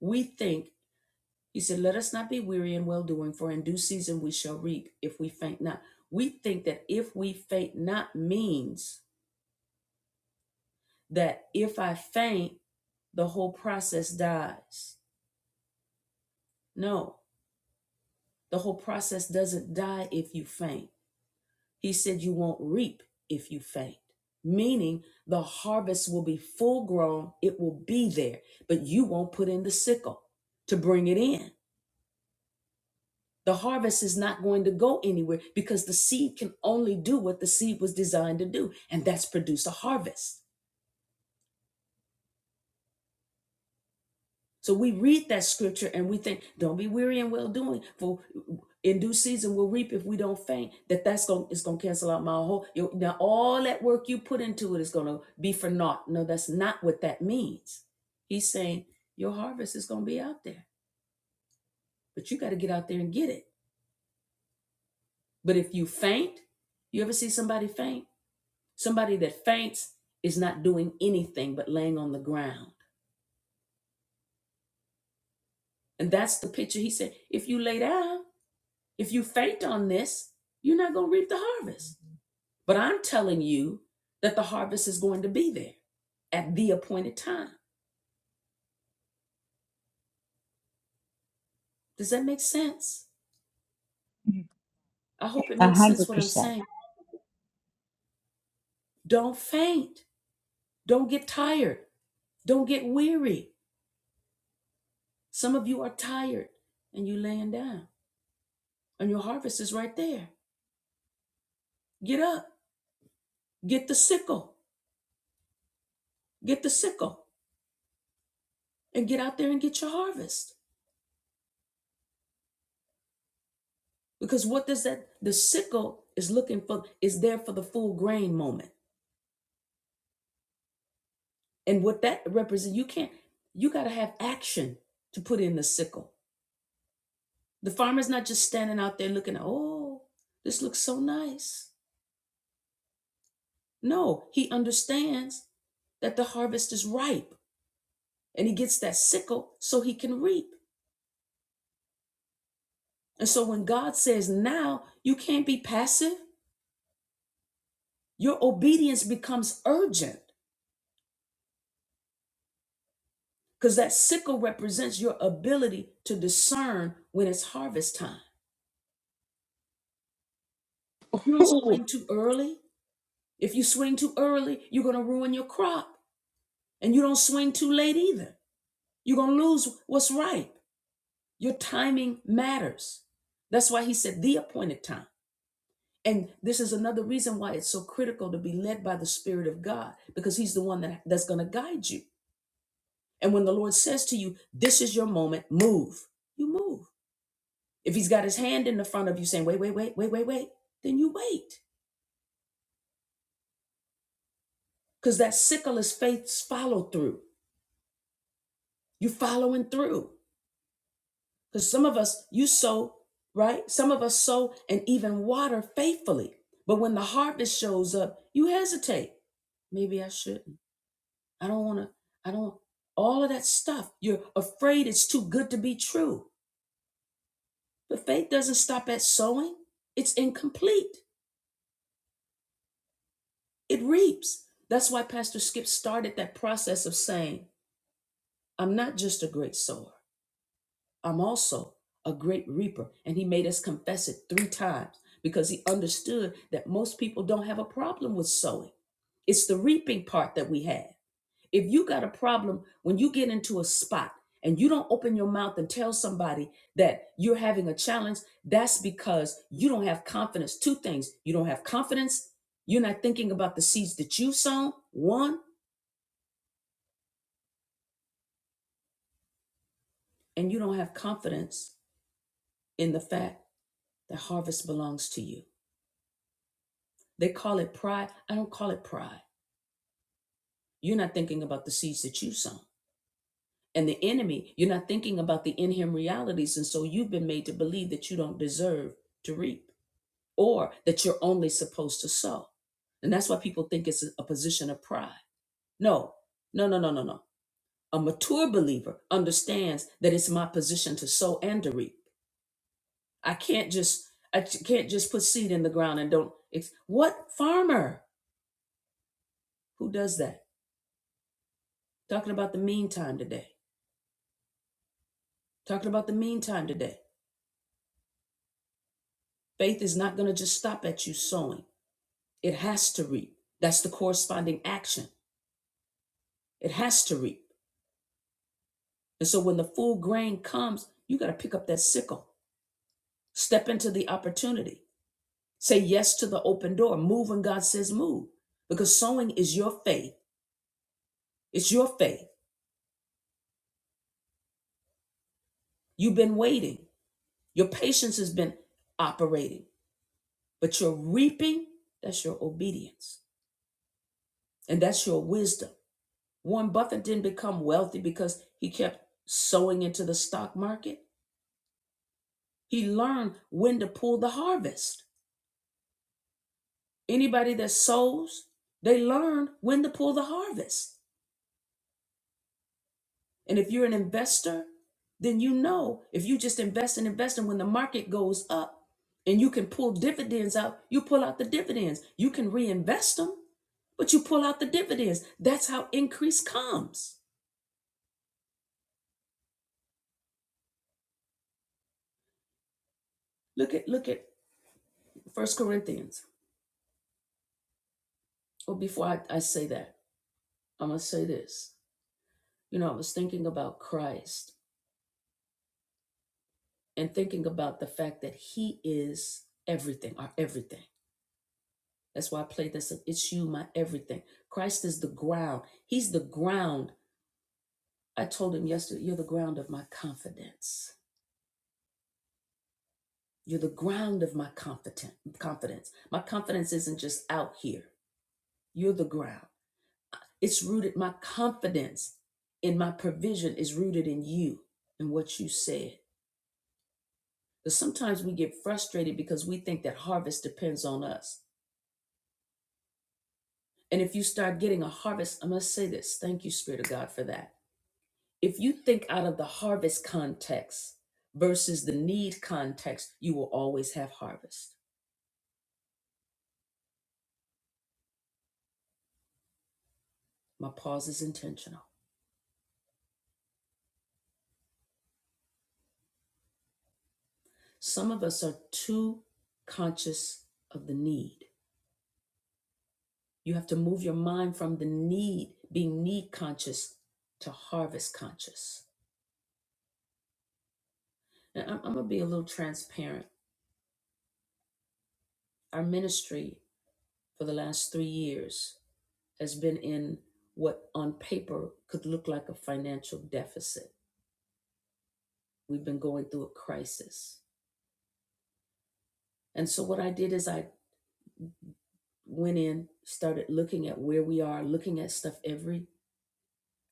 we think He said, Let us not be weary in well doing, for in due season we shall reap if we faint not. We think that if we faint not means that if I faint, the whole process dies. No, the whole process doesn't die if you faint. He said, You won't reap if you faint, meaning the harvest will be full grown, it will be there, but you won't put in the sickle to bring it in. The harvest is not going to go anywhere because the seed can only do what the seed was designed to do, and that's produce a harvest. So we read that scripture and we think, don't be weary in well doing, for in due season we'll reap if we don't faint. That that's going it's going to cancel out my whole. you- Now all that work you put into it is going to be for naught. No, that's not what that means. He's saying your harvest is going to be out there, but you got to get out there and get it. But if you faint, you ever see somebody faint? Somebody that faints is not doing anything but laying on the ground. And that's the picture he said. If you lay down, if you faint on this, you're not going to reap the harvest. But I'm telling you that the harvest is going to be there at the appointed time. Does that make sense? I hope it A makes sense hundred what percent. I'm saying. Don't faint. Don't get tired. Don't get weary. Some of you are tired and you laying down and your harvest is right there. Get up. Get the sickle. Get the sickle. and get out there and get your harvest. Because what does that the sickle is looking for is there for the full grain moment. And what that represents, you can't you gotta have action to put in the sickle. The farmer's not just standing out there looking, oh, this looks so nice. No, he understands that the harvest is ripe and he gets that sickle so he can reap. And so when God says now, you can't be passive, your obedience becomes urgent because that sickle represents your ability to discern when it's harvest time. You don't Ooh. swing too early. If you swing too early, you're going to ruin your crop. And you don't swing too late either. You're going to lose what's ripe. Your timing matters. That's why he said the appointed time. And this is another reason why it's so critical to be led by the Spirit of God, because He's the one that, that's going to guide you. And when the Lord says to you, This is your moment, move, you move. If he's got his hand in the front of you saying, wait, wait, wait, wait, wait, wait, then you wait. Because that sickle is faith's follow through. you following through. Because some of us, you sow, right? Some of us sow and even water faithfully. But when the harvest shows up, you hesitate. Maybe I shouldn't. I don't want to. I don't. All of that stuff. You're afraid it's too good to be true. But faith doesn't stop at sowing, it's incomplete. It reaps. That's why Pastor Skip started that process of saying, I'm not just a great sower, I'm also a great reaper. And he made us confess it three times because he understood that most people don't have a problem with sowing. It's the reaping part that we have. If you got a problem when you get into a spot and you don't open your mouth and tell somebody that you're having a challenge, that's because you don't have confidence. Two things you don't have confidence, you're not thinking about the seeds that you've sown, one, and you don't have confidence in the fact The harvest belongs to you. They call it pride. I don't call it pride. You're not thinking about the seeds that you sown. And the enemy, you're not thinking about the in him realities. And so you've been made to believe that you don't deserve to reap or that you're only supposed to sow. And that's why people think it's a position of pride. No, no, no, no, no, no. A mature believer understands that it's my position to sow and to reap. I can't just I j- can't just put seed in the ground and don't. It's, what farmer who does that? Talking about the meantime today. Talking about the meantime today. Faith is not going to just stop at you sowing, it has to reap. That's the corresponding action. It has to reap. And so when the full grain comes, you got to pick up that sickle, step into the opportunity, say yes to the open door, move when God says move. Because sowing is your faith. It's your faith. You've been waiting, your patience has been operating, but your reaping, that's your obedience and that's your wisdom. Warren Buffett didn't become wealthy because he kept sowing into the stock market. He learned when to pull the harvest. Anybody that sows, they learn when to pull the harvest. And if you're an investor, then you know if you just invest and invest and when the market goes up and you can pull dividends out, you pull out the dividends. You can reinvest them, but you pull out the dividends. That's how increase comes. Look at look at First Corinthians. Or before I, I say that. I'm going to say this. You know, I was thinking about Christ and thinking about the fact that he is everything, our everything. That's why I played this. It's you, my everything. Christ is the ground. He's the ground. I told him yesterday, you're the ground of my confidence. You're the ground of my confident confidence. My confidence isn't just out here. You're the ground. It's rooted. My confidence in my provision is rooted in you and what you said. But sometimes we get frustrated because we think that harvest depends on us. And if you start getting a harvest, I must say this. Thank you, Spirit of God, for that. If you think out of the harvest context versus the need context, you will always have harvest. My pause is intentional. Some of us are too conscious of the need. You have to move your mind from the need, being need conscious, to harvest conscious. And I'm, I'm going to be a little transparent. Our ministry for the last three years has been in what on paper could look like a financial deficit. We've been going through a crisis. And so, what I did is I went in, started looking at where we are, looking at stuff every,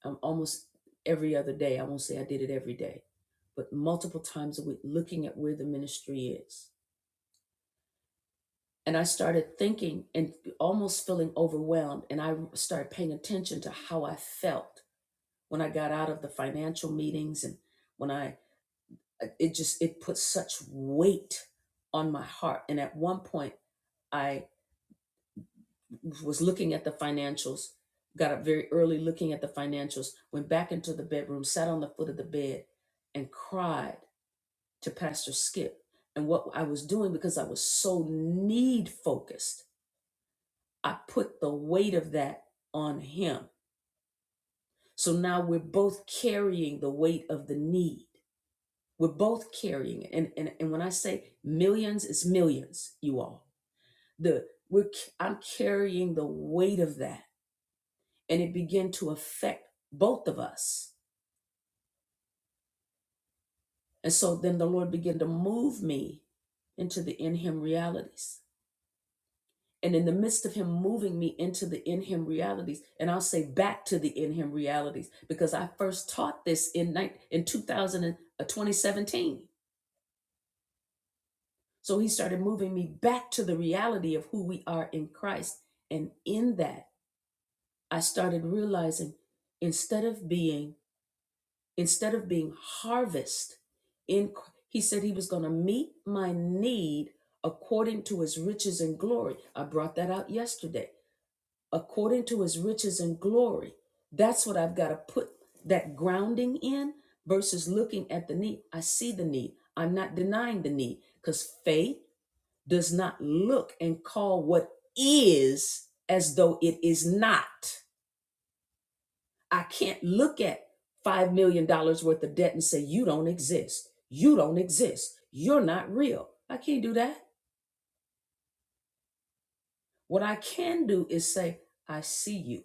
um, almost every other day. I won't say I did it every day, but multiple times a week, looking at where the ministry is. And I started thinking and almost feeling overwhelmed. And I started paying attention to how I felt when I got out of the financial meetings and when I uh, it just it put such weight on my heart and at one point I was looking at the financials got up very early looking at the financials went back into the bedroom sat on the foot of the bed and cried to Pastor Skip and what I was doing because I was so need focused I put the weight of that on him so now we're both carrying the weight of the need We're both carrying it. And, and, and when I say millions, it's millions, you all. The we're i I'm carrying the weight of that. And it began to affect both of us. And so then the Lord began to move me into the in him realities. And in the midst of him moving me into the in him realities, and I'll say back to the in him realities because I first taught this in night in 2000 and, uh, 2017. So he started moving me back to the reality of who we are in Christ. And in that, I started realizing instead of being instead of being harvest in Chr- he said he was going to meet my need according to his riches and glory. I brought that out yesterday. According to his riches and glory. That's what I've got to put that grounding in versus looking at the need. I see the need. I'm not denying the need cuz faith does not look and call what is as though it is not. I can't look at $5 million dollars worth of debt and say, You don't exist. You don't exist. You're not real. I can't do that. What I can do is say, I see you.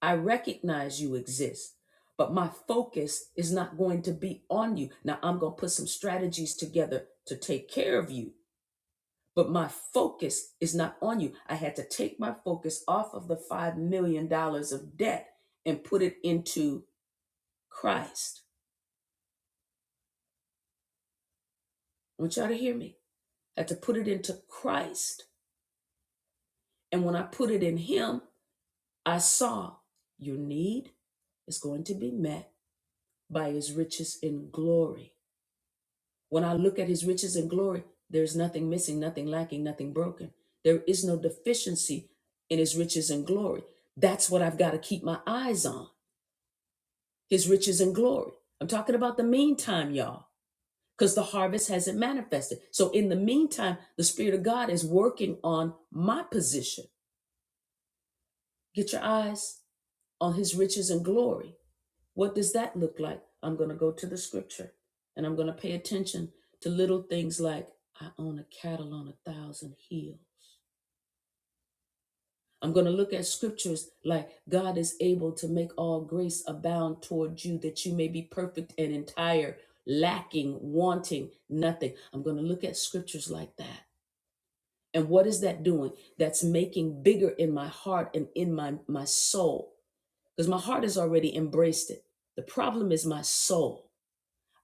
I recognize you exist, but my focus is not going to be on you. Now, I'm going to put some strategies together to take care of you but my focus is not on you. I had to take my focus off of the $5 million dollars of debt and put it into Christ. I want y'all to hear me. I had to put it into Christ. And when I put it in Him, I saw your need is going to be met by His riches in glory. When I look at His riches in glory, there's nothing missing, nothing lacking, nothing broken. There is no deficiency in His riches and glory. That's what I've got to keep my eyes on. his riches and glory. I'm talking about the meantime, y'all, because the harvest hasn't manifested. So, in the meantime, the Spirit of God is working on my position. Get your eyes on his riches and glory. What does that look like? I'm going to go to the scripture and I'm going to pay attention to little things like I own a cattle on a thousand hills. I'm going to look at scriptures like God is able to make all grace abound toward you that you may be perfect and entire, lacking, wanting nothing. I'm going to look at scriptures like that. And what is that doing? That's making bigger in my heart and in my, my soul because my heart has already embraced it. The problem is my soul.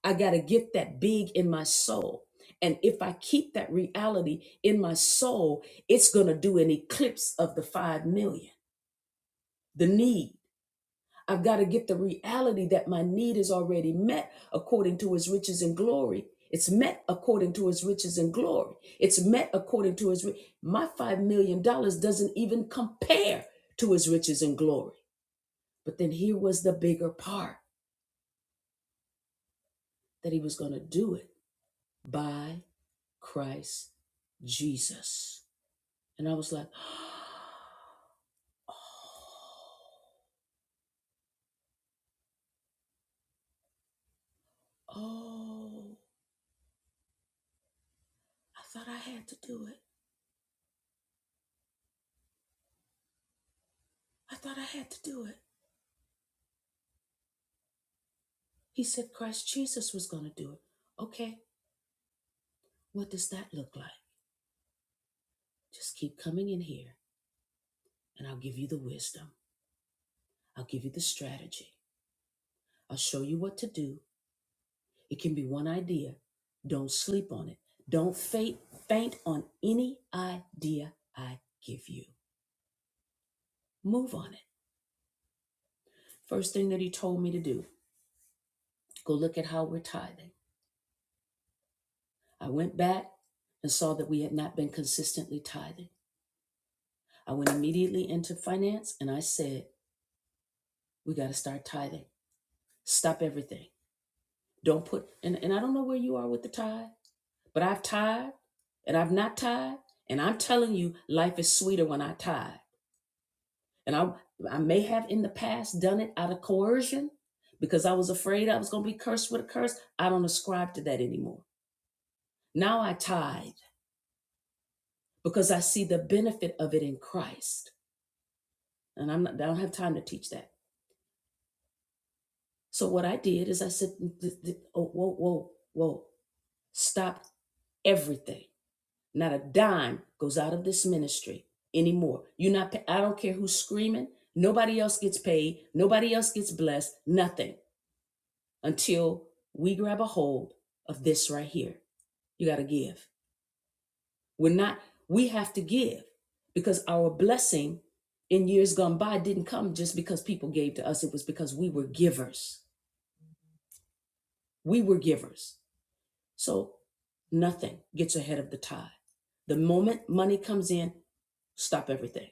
I got to get that big in my soul. And if I keep that reality in my soul, it's going to do an eclipse of the 5 million, the need. I've got to get the reality that my need is already met according to his riches and glory. It's met according to his riches and glory. It's met according to his. ri- My $5 million dollars doesn't even compare to his riches and glory. But then here was the bigger part that he was going to do it by Christ Jesus. And I was like, oh, oh, I thought I had to do it. I thought I had to do it. He said Christ Jesus was going to do it. Okay, what does that look like? Just keep coming in here, and I'll give you the wisdom. I'll give you the strategy. I'll show you what to do. It can be one idea. Don't sleep on it. Don't faint, faint on any idea I give you. Move on it. First thing that he told me to do go look at how we're tithing. I went back and saw that we had not been consistently tithing. I went immediately into finance and I said, We got to start tithing. Stop everything. Don't put and, and I don't know where you are with the tithe, but I've tied and I've not tied. And I'm telling you, life is sweeter when I tithe. And I I may have in the past done it out of coercion because I was afraid I was gonna be cursed with a curse. I don't ascribe to that anymore. Now I tithe because I see the benefit of it in Christ. And I'm not I don't have time to teach that. So what I did is I said, oh, whoa, whoa, whoa, stop everything. Not a dime goes out of this ministry anymore. You're not, pa- I don't care who's screaming. Nobody else gets paid. Nobody else gets blessed. Nothing until we grab a hold of this right here. You got to give. We're not, we have to give because our blessing in years gone by didn't come just because people gave to us. It was because we were givers. We were givers. So nothing gets ahead of the tithe. The moment money comes in, stop everything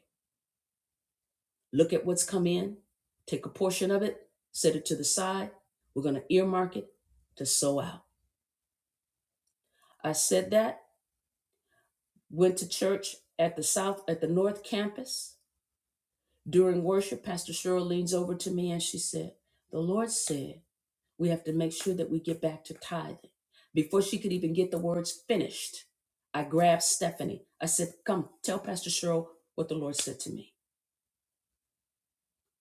look at what's come in, take a portion of it, set it to the side. We're going to earmark it to sow out. I said that, went to church at the south, at the north campus. During worship, Pastor Cheryl leans over to me and she said, The Lord said we have to make sure that we get back to tithing. Before she could even get the words finished, I grabbed Stephanie. I said, Come, tell Pastor Cheryl what the Lord said to me.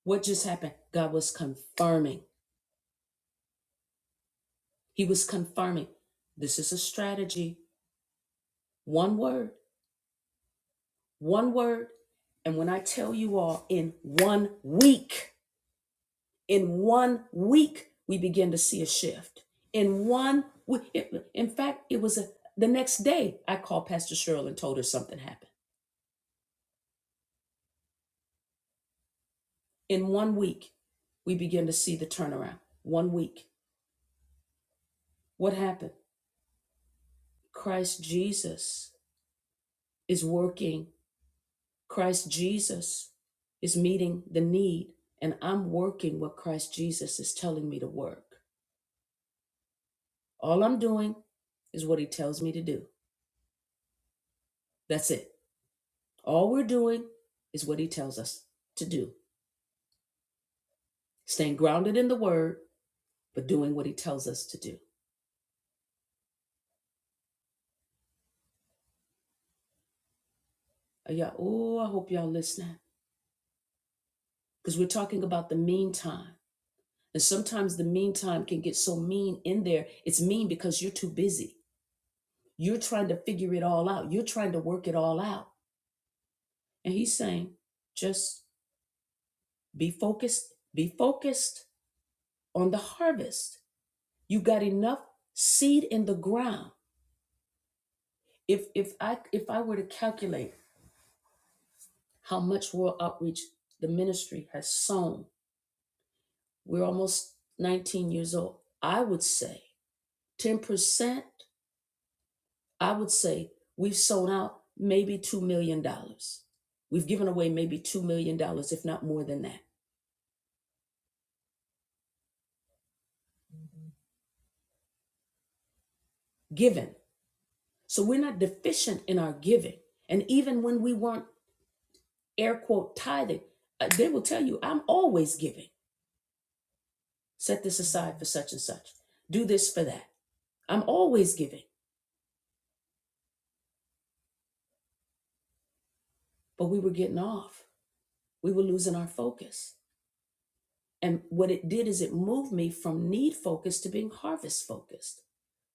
What just happened? God was confirming. He was confirming this is a strategy. One word, one word. And when I tell you all, in one week, in one week, we begin to see a shift. In one week, it- in fact, it was a, the next day I called Pastor Cheryl and told her something happened. In one week, we begin to see the turnaround. One week. What happened? Christ Jesus is working Christ Jesus is meeting the need, and I'm working what Christ Jesus is telling me to work. All I'm doing is what he tells me to do. That's it. All we're doing is what he tells us to do. Staying grounded in the word, but doing what he tells us to do. Are y'all, oh, I hope y'all listening. Because we're talking about the meantime. And sometimes the meantime can get so mean in there. It's mean because you're too busy. You're trying to figure it all out. You're trying to work it all out. And he's saying, just be focused, be focused on the harvest. You got enough seed in the ground. If if I if I were to calculate how much world outreach the ministry has sown, we're almost 19 years old. I would say 10%, I would say we've sown out maybe $2 million. dollars. We've given away maybe $2 million, dollars, if not more than that. Given. So we're not deficient in our giving. And even when we weren't air quote tithing, uh, they will tell you, I'm always giving. Set this aside for such and such. Do this for that. I'm always giving. But we were getting off. We were losing our focus. And what it did is it moved me from need focused to being harvest focused.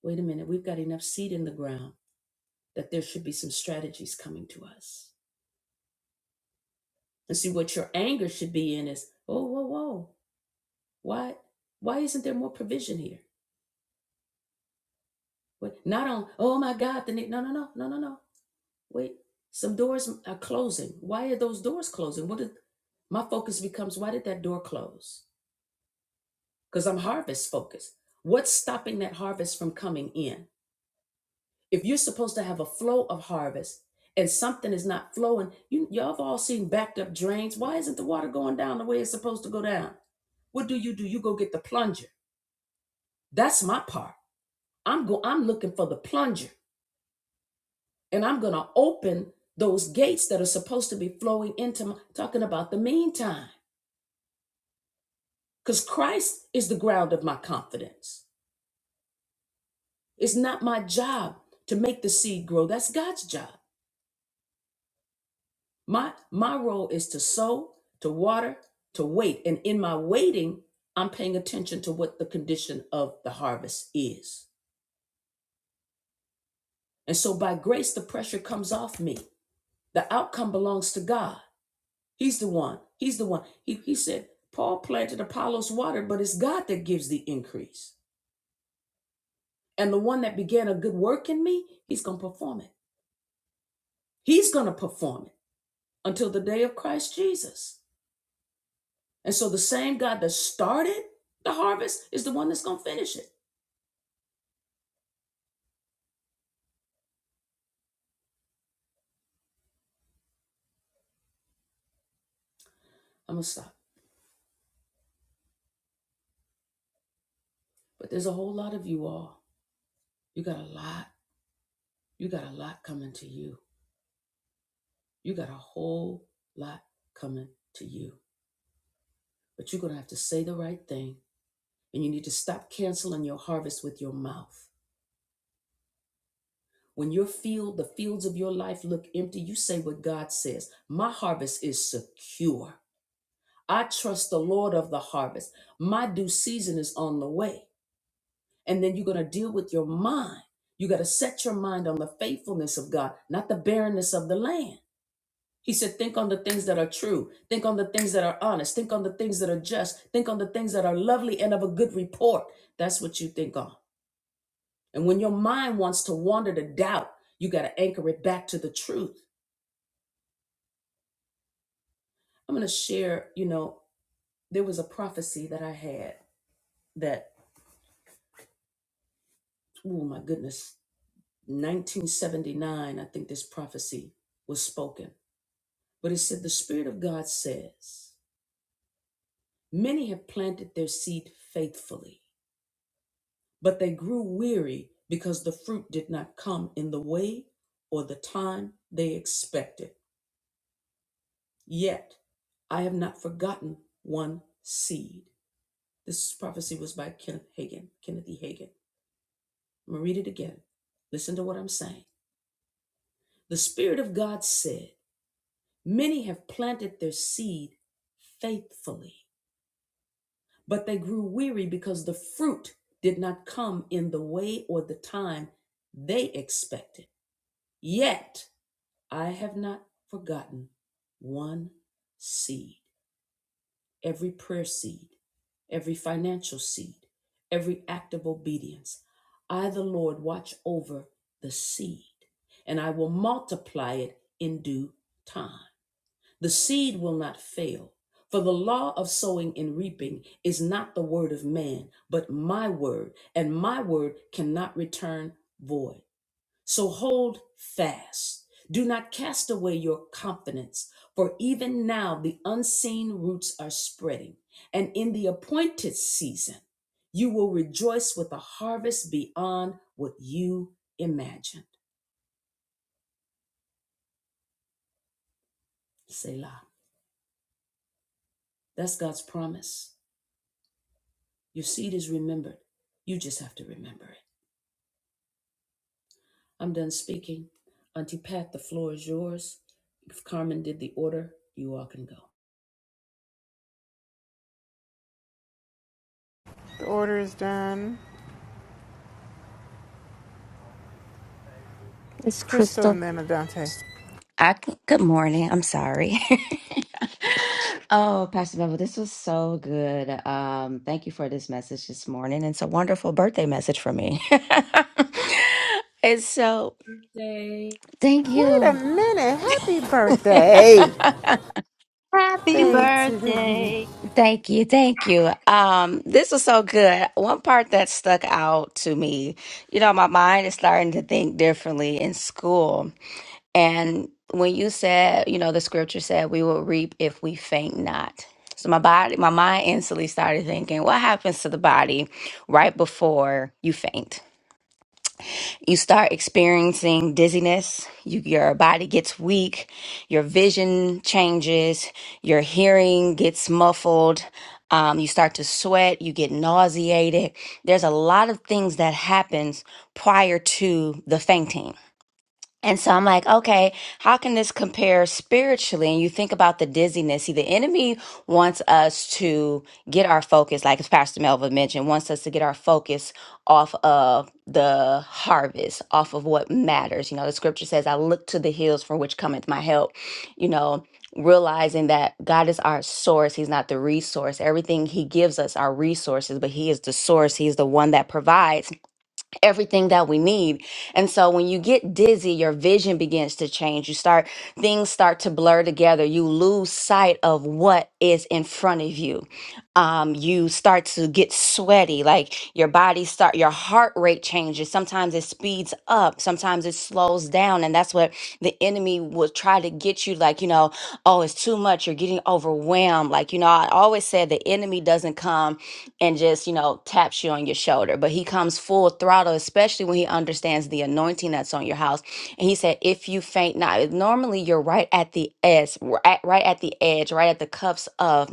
Wait a minute, we've got enough seed in the ground that there should be some strategies coming to us. And see what your anger should be in is, oh, whoa, whoa, why, why isn't there more provision here? But not on, oh my God, the na- no, no, no, no, no, no. Wait, some doors are closing. Why are those doors closing? What did my focus becomes? Why did that door close? Because I'm harvest focused. What's stopping that harvest from coming in? If you're supposed to have a flow of harvest and something is not flowing, you y'all have all seen backed up drains. Why isn't the water going down the way it's supposed to go down? What do you do? You go get the plunger. That's my part. I'm go. I'm looking for the plunger. and I'm going to open those gates that are supposed to be flowing into my, talking about the meantime cuz Christ is the ground of my confidence. It's not my job to make the seed grow. That's God's job. My my role is to sow, to water, to wait, and in my waiting, I'm paying attention to what the condition of the harvest is. And so by grace the pressure comes off me. The outcome belongs to God. He's the one. He's the one. He, he said, Paul planted, Apollos watered, but it's God that gives the increase. And the one that began a good work in me, he's going to perform it. He's going to perform it until the day of Christ Jesus. And so the same God that started the harvest is the one that's going to finish it. I'm going to stop. But there's a whole lot of you all. You got a lot. You got a lot coming to you. You got a whole lot coming to you. But you're going to have to say the right thing And you need to stop canceling your harvest with your mouth. When your field, the fields of your life look empty, you say what God says My harvest is secure. I trust the Lord of the harvest. My due season is on the way. And then you're going to deal with your mind. You got to set your mind on the faithfulness of God, not the barrenness of the land. He said, Think on the things that are true. Think on the things that are honest. Think on the things that are just. Think on the things that are lovely and of a good report. That's what you think on. And when your mind wants to wander to doubt, you got to anchor it back to the truth. I'm going to share, you know, there was a prophecy that I had that, oh my goodness, 1979, I think this prophecy was spoken. But it said, The Spirit of God says, Many have planted their seed faithfully, but they grew weary because the fruit did not come in the way or the time they expected. Yet I have not forgotten one seed. This prophecy was by Kenneth Hagin, Kenneth E. Hagin. I'm gonna read it again. Listen to what I'm saying. The Spirit of God said, Many have planted their seed faithfully, but they grew weary because the fruit did not come in the way or the time they expected. Yet I have not forgotten one seed. every prayer seed, every financial seed, every act of obedience. I, the Lord, watch over the seed, and I will multiply it in due time. The seed will not fail, for the law of sowing and reaping is not the word of man, but my word, and my word cannot return void. So hold fast. Do not cast away your confidence, for even now the unseen roots are spreading, and in the appointed season, you will rejoice with a harvest beyond what you imagined. Selah. That's God's promise. Your seed is remembered. You just have to remember it. I'm done speaking. Auntie Pat, the floor is yours. If Carmen did the order, you all can go. The order is done. It's Crystal Crystal. and then Adante. I c- good morning. I'm sorry. oh, Pastor Bevel, this was so good. Um, thank you for this message this morning. It's a wonderful birthday message for me. and so, thank Wait a you. minute. Happy birthday. Happy Day to you. birthday. thank you. Thank you. Um, this was so good. One part that stuck out to me, you know, my mind is starting to think differently in school And when you said, you know, the scripture said we will reap if we faint not. So my body, my mind instantly started thinking, what happens to the body right before you faint? You start experiencing dizziness, you, your body gets weak, your vision changes, your hearing gets muffled, um, you start to sweat, you get nauseated. There's a lot of things that happens prior to the fainting. And so I'm like, okay, how can this compare spiritually? And you think about the dizziness. See, the enemy wants us to get our focus, like as Pastor Melvin mentioned, wants us to get our focus off of the harvest, off of what matters. You know, the scripture says, I look to the hills from which cometh my help. You know, realizing that God is our source, He's not the resource. Everything He gives us are resources, but He is the source, He is the one that provides everything that we need. And so when you get dizzy, your vision begins to change. You start things start to blur together. You lose sight of what is in front of you um, you start to get sweaty like your body start your heart rate changes sometimes it speeds up sometimes it slows down and that's what the enemy will try to get you like you know oh it's too much you're getting overwhelmed like you know i always said the enemy doesn't come and just you know taps you on your shoulder but he comes full throttle especially when he understands the anointing that's on your house and he said if you faint not normally you're right at the edge right right at the edge right at the cuffs of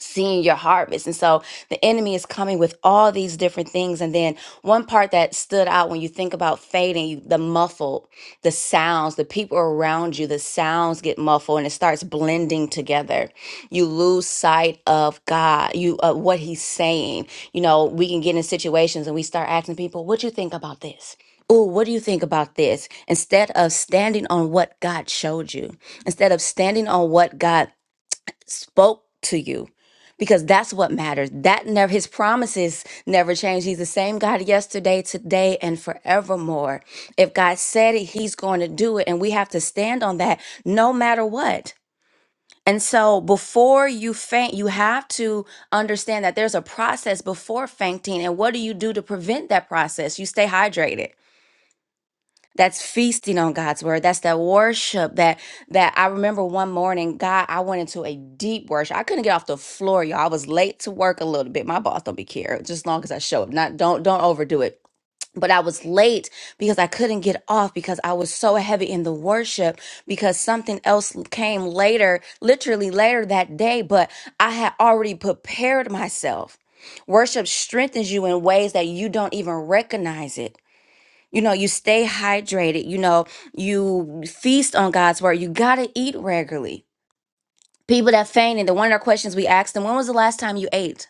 seeing your harvest. And so the enemy is coming with all these different things. And then one part that stood out when you think about fading, you, the muffled, the sounds, the people around you, the sounds get muffled and it starts blending together. You lose sight of God, you uh, what he's saying. You know, we can get in situations and we start asking people, what do you think about this? Oh, what do you think about this? Instead of standing on what God showed you, instead of standing on what God spoke to you because that's what matters that never his promises never change he's the same god yesterday today and forevermore if god said it he's going to do it and we have to stand on that no matter what and so before you faint you have to understand that there's a process before fainting and what do you do to prevent that process you stay hydrated that's feasting on God's word. That's that worship that that I remember one morning, God, I went into a deep worship. I couldn't get off the floor, y'all. I was late to work a little bit. My boss don't be care, just as long as I show up. Not don't don't overdo it. But I was late because I couldn't get off because I was so heavy in the worship because something else came later, literally later that day, but I had already prepared myself. Worship strengthens you in ways that you don't even recognize it. You know, you stay hydrated. You know, you feast on God's word. You got to eat regularly. People that faint, and the one of our questions we asked them, when was the last time you ate?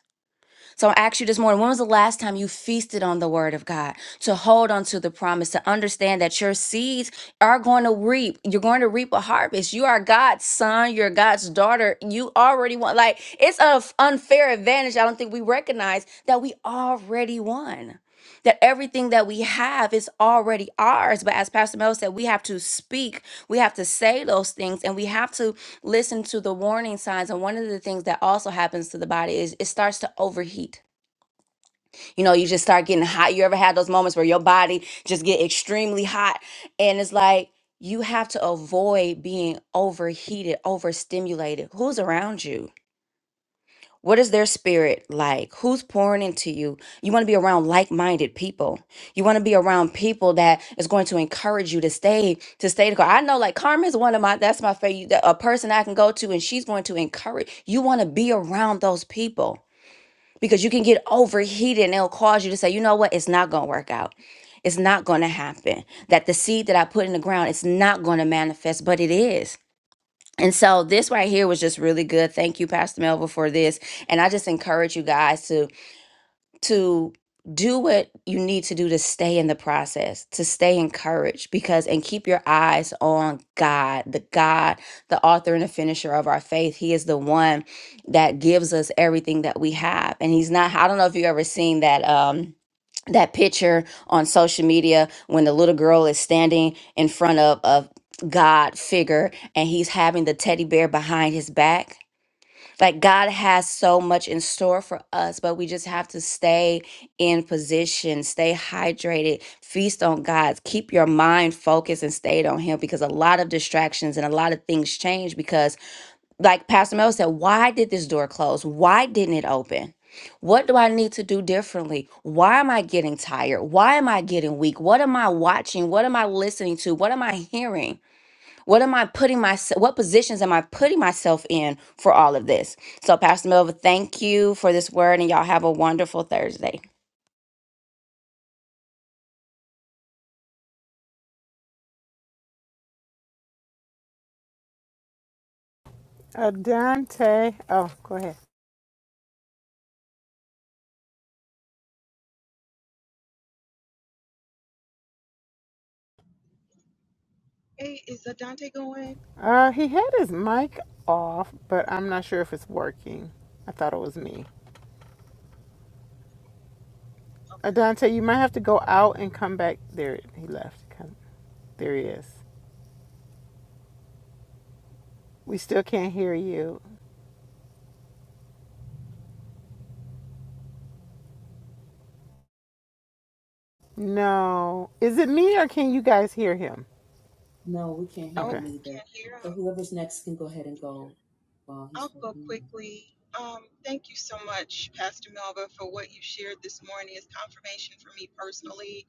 So I asked you this morning, when was the last time you feasted on the word of God? To hold on to the promise, to understand that your seeds are going to reap. You're going to reap a harvest. You are God's son. You're God's daughter. You already won. Like, it's an unfair advantage I don't think we recognize that we already won that everything that we have is already ours. But as Pastor Mel said, we have to speak, we have to say those things, and we have to listen to the warning signs. And one of the things that also happens to the body is it starts to overheat. You know, you just start getting hot. You ever had those moments where your body just get extremely hot, and it's like you have to avoid being overheated, overstimulated. Who's around you? What is their spirit like? Who's pouring into you? You want to be around like minded people. You want to be around people that is going to encourage you to stay, to stay the car. I know like Carmen's one of my, that's my favorite, that- a person I can go to and she's going to encourage. You want to be around those people because you can get overheated and it'll cause you to say, you know what? It's not going to work out. It's not going to happen. That the seed that I put in the ground, it's not going to manifest, but it is. And so this right here was just really good. Thank you, Pastor Melville, for this. And I just encourage you guys to to do what you need to do to stay in the process, to stay encouraged, because and keep your eyes on God, the God, the author and the finisher of our faith. He is the one that gives us everything that we have. And he's not, I don't know if you ever seen that. Um that picture on social media when the little girl is standing in front of a God figure and he's having the teddy bear behind his back like God has so much in store for us, but we just have to stay in position, stay hydrated, feast on God, keep your mind focused and stayed on Him because a lot of distractions and a lot of things change because like Pastor Mel said, why did this door close? Why didn't it open? What do I need to do differently? Why am I getting tired? Why am I getting weak? What am I watching? What am I listening to? What am I hearing? What am I putting myself, what positions am I putting myself in for all of this? So, Pastor Melva, thank you for this word, and y'all have a wonderful Thursday. Adante. Oh, go ahead. Hey, is Adante going? Uh, he had his mic off, but I'm not sure if it's working. I thought it was me. Adante, you might have to go out and come back. There, he left. Come. There he is. We still can't hear you. No. Is it me or can you guys hear him? No, we can't hear Nope, Okay. him either. can't hear So him. whoever's next can go ahead and go while he's I'll go working. on quickly. Um, thank you so much, Pastor Melva, for what you shared this morning. It's confirmation for me personally.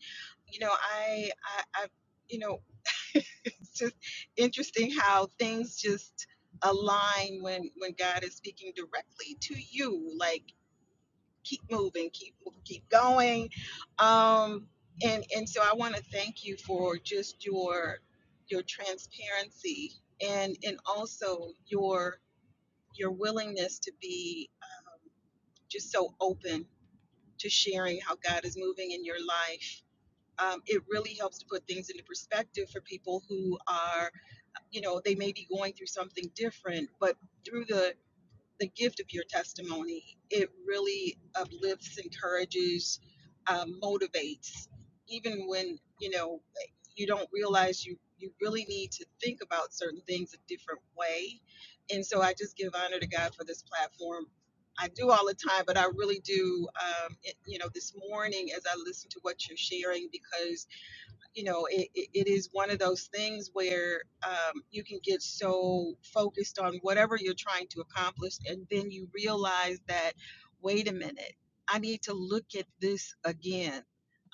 You know, I, I, I you know, it's just interesting how things just align when when God is speaking directly to you. Like keep moving, keep keep going. Um, and and so I want to thank you for just your your transparency and and also your your willingness to be just so open to sharing how God is moving in your life. Um, it really helps to put things into perspective for people who are, you know, they may be going through something different, but through the the gift of your testimony. It really uplifts, encourages, um, motivates, even when you know you don't realize you you really need to think about certain things a different way. And so I just give honor to God for this platform. I do all the time, but I really do. Um, it, you know, this morning as I listen to what you're sharing, because you know, it, it, it is one of those things where um, you can get so focused on whatever you're trying to accomplish, and then you realize that, wait a minute, I need to look at this again.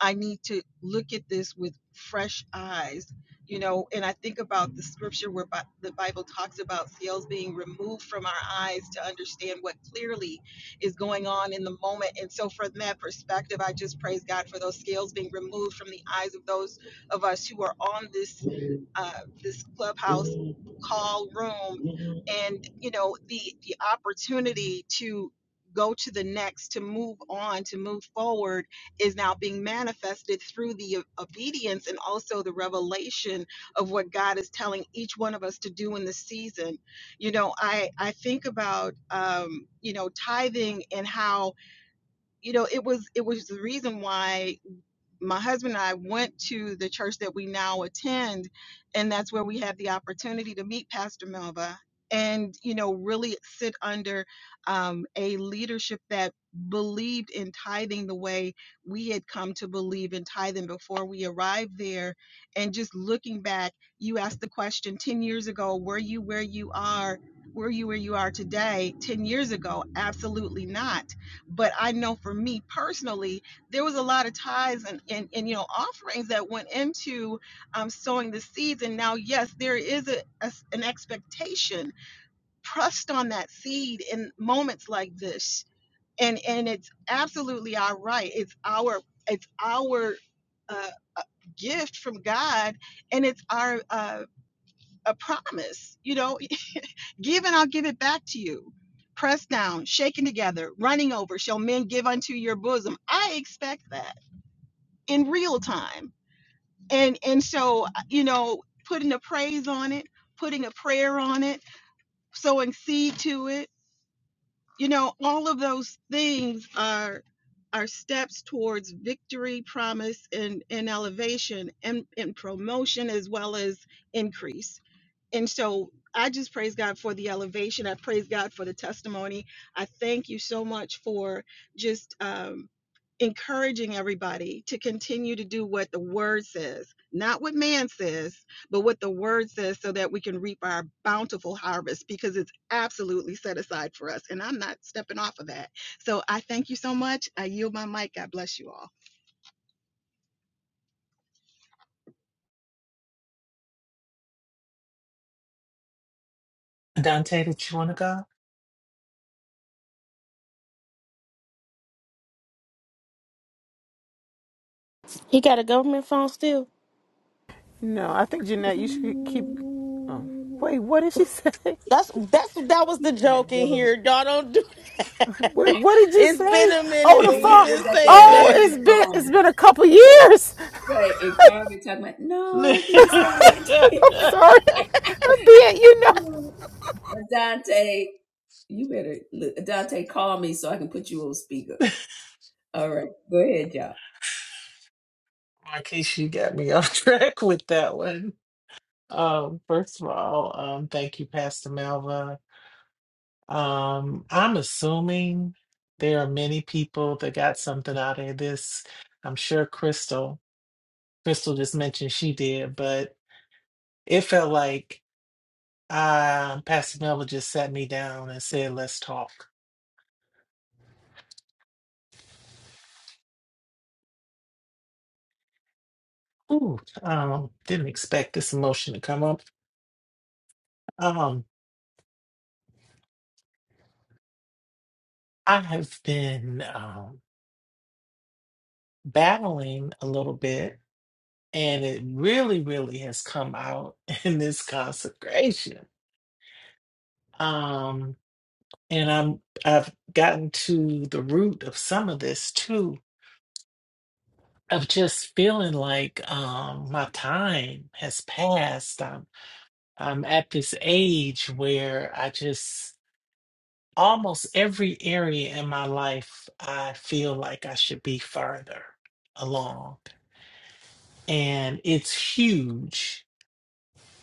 I need to look at this with fresh eyes, you know. And I think about the scripture where Bi- the Bible talks about scales being removed from our eyes to understand what clearly is going on in the moment. And so, from that perspective, I just praise God for those scales being removed from the eyes of those of us who are on this uh, this clubhouse call room, and you know the the opportunity to go to the next, to move on, to move forward is now being manifested through the o- obedience and also the revelation of what God is telling each one of us to do in this season. You know, I I think about um, you know tithing and how you know it was it was the reason why my husband and I went to the church that we now attend, and that's where we had the opportunity to meet Pastor Melva and you know really sit under um, a leadership that believed in tithing the way we had come to believe in tithing before we arrived there and just looking back you asked the question 10 years ago were you where you are were you where you are today 10 years ago absolutely not but i know for me personally there was a lot of tithes and, and, and you know offerings that went into um, sowing the seeds and now yes there is a a, an expectation pressed on that seed in moments like this and and it's absolutely our right it's our it's our uh, uh, gift from god and it's our uh, a promise you know give and i'll give it back to you pressed down shaken together running over shall men give unto your bosom i expect that in real time. And and so you know, putting a praise on it, putting a prayer on it, sowing seed to it, you know, all of those things are are steps towards victory, promise, and, and elevation and, and promotion as well as increase and so I just praise God for the elevation. I praise God for the testimony. I thank you so much for just um, encouraging everybody to continue to do what the word says, not what man says, but what the word says, so that we can reap our bountiful harvest because it's absolutely set aside for us. And I'm not stepping off of that. So I thank you so much. I yield my mic. God bless you all. Dante, did you want to go? He got a government phone still. No, I think it. Jeanette, you should keep. Oh. Ooh. Wait, what did she say? That's that's that was the Yeah, joke in brother. here. Y'all don't do. Wait, what did you it's been say? a Oh, minute, the They but we've phone. still been got that saying that. Oh, it's gunman been phone. it's been a couple years. Right. And Carmen talking about, no, I don't think it's that. I'm sorry. I'm being, you and Dante, you better look Dante, call me so I can put you on speaker. All right. Go ahead, y'all. Marquise, you got me off track with that one. Um, first of all, um, thank you, Pastor Malva. Um, I'm assuming there are many people that got something out of this. I'm sure Crystal. Crystal just mentioned she did, but It felt like uh, Pastor Miller just sat me down and said, "Let's talk." Ooh, um, didn't expect this emotion to come up. Um, I have been um, battling a little bit, and it really, really has come out in this consecration. Um, and I'm I've gotten to the root of some of this too, of just feeling like um, my time has passed. I'm at this age where I just almost every area in my life, I feel like I should be further along. And it's huge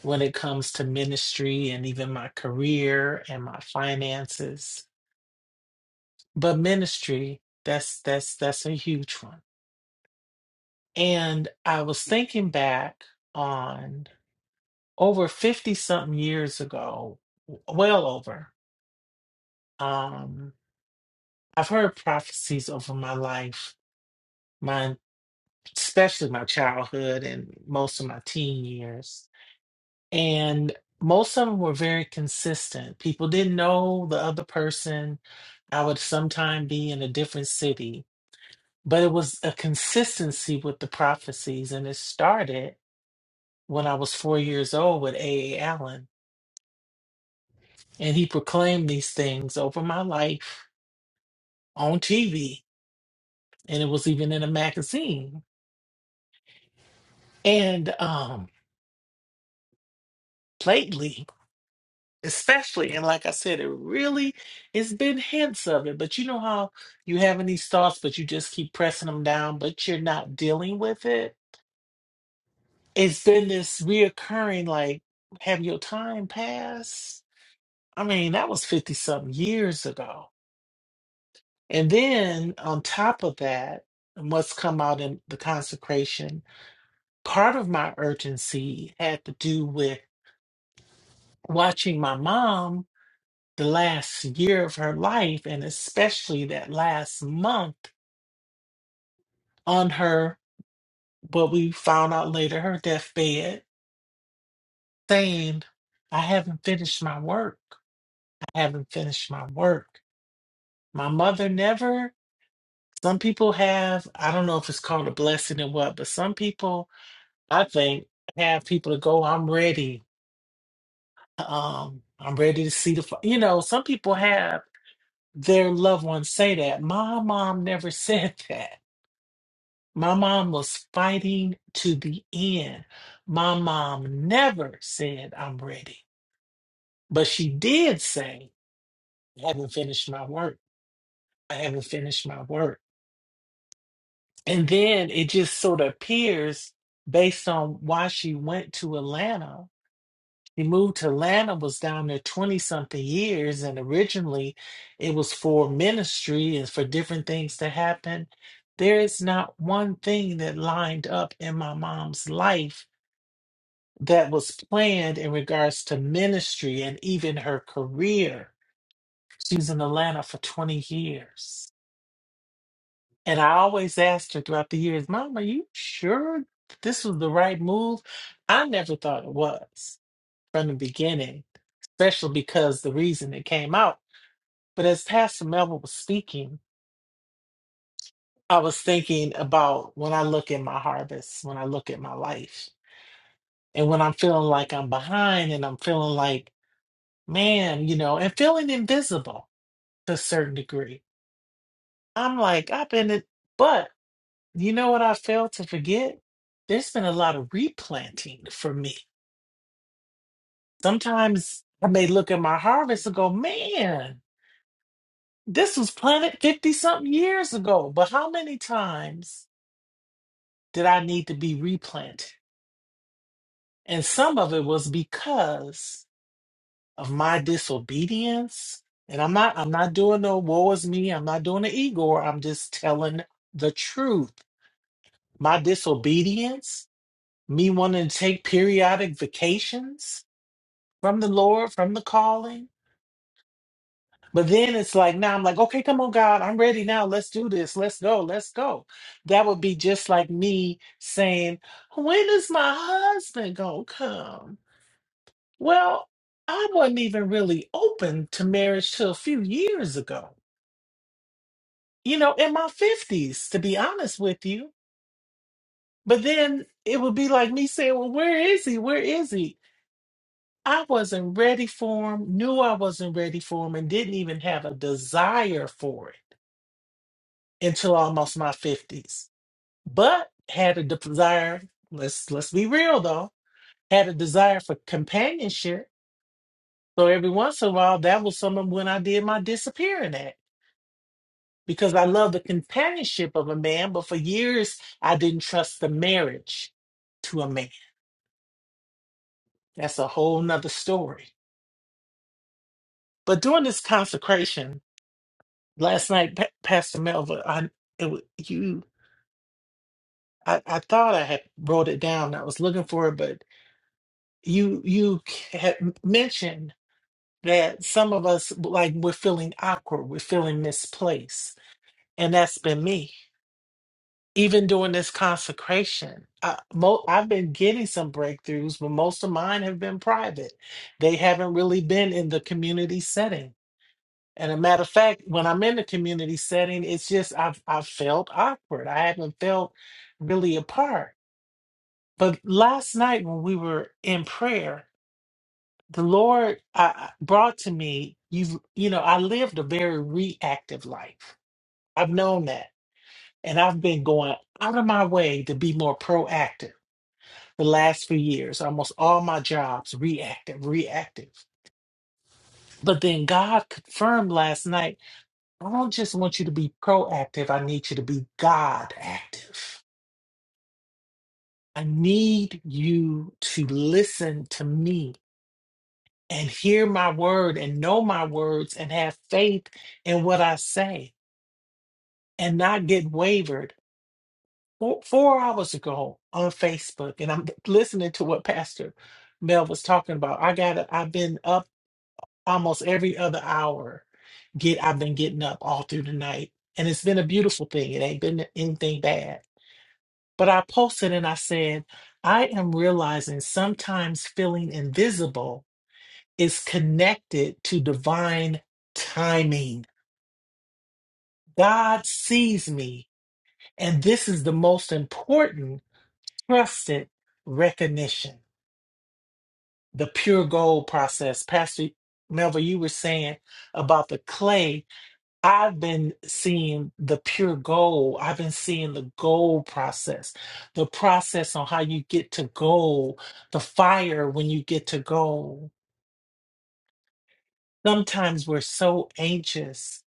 when it comes to ministry and even my career and my finances. But ministry, that's that's that's a huge one. And I was thinking back on over 50 something years ago, w- well over. Um I've heard prophecies over my life, my especially my childhood and most of my teen years. And most of them were very consistent. People didn't know the other person. I would sometime be in a different city, but it was a consistency with the prophecies. And it started when I was four years old with A. A. Allen. And he proclaimed these things over my life on TV. And it was even in a magazine. And um lately, especially. And like I said, it really, it's been hints of it. But you know how you having these thoughts, but you just keep pressing them down, but you're not dealing with it. It's been this reoccurring, like, have your time pass? I mean, that was 50 something years ago. And then on top of that, and what's come out in the consecration, part of my urgency had to do with watching my mom the last year of her life and especially that last month on her what we found out later her deathbed saying i haven't finished my work i haven't finished my work my mother never some people have i don't know if it's called a blessing or what but some people i think have people to go i'm ready um i'm ready to see the fi-" you know some people have their loved ones say that my mom never said that My mom was fighting to the end. My mom never said, I'm ready. But she did say, I haven't finished my work. I haven't finished my work. And then it just sort of appears based on why she went to Atlanta. She moved to Atlanta, was down there 20 something years. And originally it was for ministry and for different things to happen. There is not one thing that lined up in my mom's life that was planned in regards to ministry and even her career. She was in Atlanta for 20 years. And I always asked her throughout the years, Mom, are you sure this was the right move? I never thought it was from the beginning, especially because the reason it came out. But as Pastor Melvin was speaking, I was thinking about when I look at my harvest, when I look at my life, and when I'm feeling like I'm behind and I'm feeling like, man, you know, and feeling invisible to a certain degree. I'm like, I've been it, but you know what I fail to forget? There's been a lot of replanting for me. Sometimes I may look at my harvest and go, man, this was planted 50 something years ago, but how many times did I need to be replanted? And some of it was because of my disobedience. And I'm not, I'm not doing no woe is me. I'm not doing the Igor. I'm just telling the truth. My disobedience me wanting to take periodic vacations from the Lord, from the calling. But then it's like, now I'm like, okay, come on, God, I'm ready now. Let's do this. Let's go. Let's go. That would be just like me saying, when is my husband going to come? Well, I wasn't even really open to marriage till a few years ago, you know, in my 50s, to be honest with you. But then it would be like me saying, well, where is he? Where is he? I wasn't ready for him, knew I wasn't ready for him, and didn't even have a desire for it until almost my 50s. But had a desire, let's let's be real though, had a desire for companionship. So every once in a while, that was some of when I did my disappearing act because I love the companionship of a man, but for years I didn't trust the marriage to a man. That's a whole nother story. But during this consecration, last night, Pa- Pastor Melva, I it, wa- you, I, I thought I had wrote it down. I was looking for it, but you you had mentioned that some of us like we're feeling awkward, we're feeling misplaced, and that's been me. Even during this consecration, I, mo- I've been getting some breakthroughs, but most of mine have been private. They haven't really been in the community setting And a matter of fact, when I'm in the community setting, it's just I've I've felt awkward. I haven't felt really apart. But last night when we were in prayer, the Lord uh, brought to me. You you know, I lived a very reactive life. I've known that, and I've been going out of my way to be more proactive. The last few years, almost all my jobs reactive, reactive. But then God confirmed last night I don't just want you to be proactive. I need you to be God active. I need you to listen to me and hear my word and know my words and have faith in what I say and not get wavered. Four, four hours ago on Facebook, and I'm listening to what Pastor Mel was talking about. I got I've been up almost every other hour. Get I've been getting up all through the night. And it's been a beautiful thing. It ain't been anything bad But I posted and I said, I am realizing sometimes feeling invisible is connected to divine timing. God sees me, and this is the most important trusted recognition. The pure gold process. Pastor Melville, you were saying about the clay I've been seeing the pure gold. I've been seeing the gold process, the process on how you get to gold, the fire when you get to gold. Sometimes we're so anxious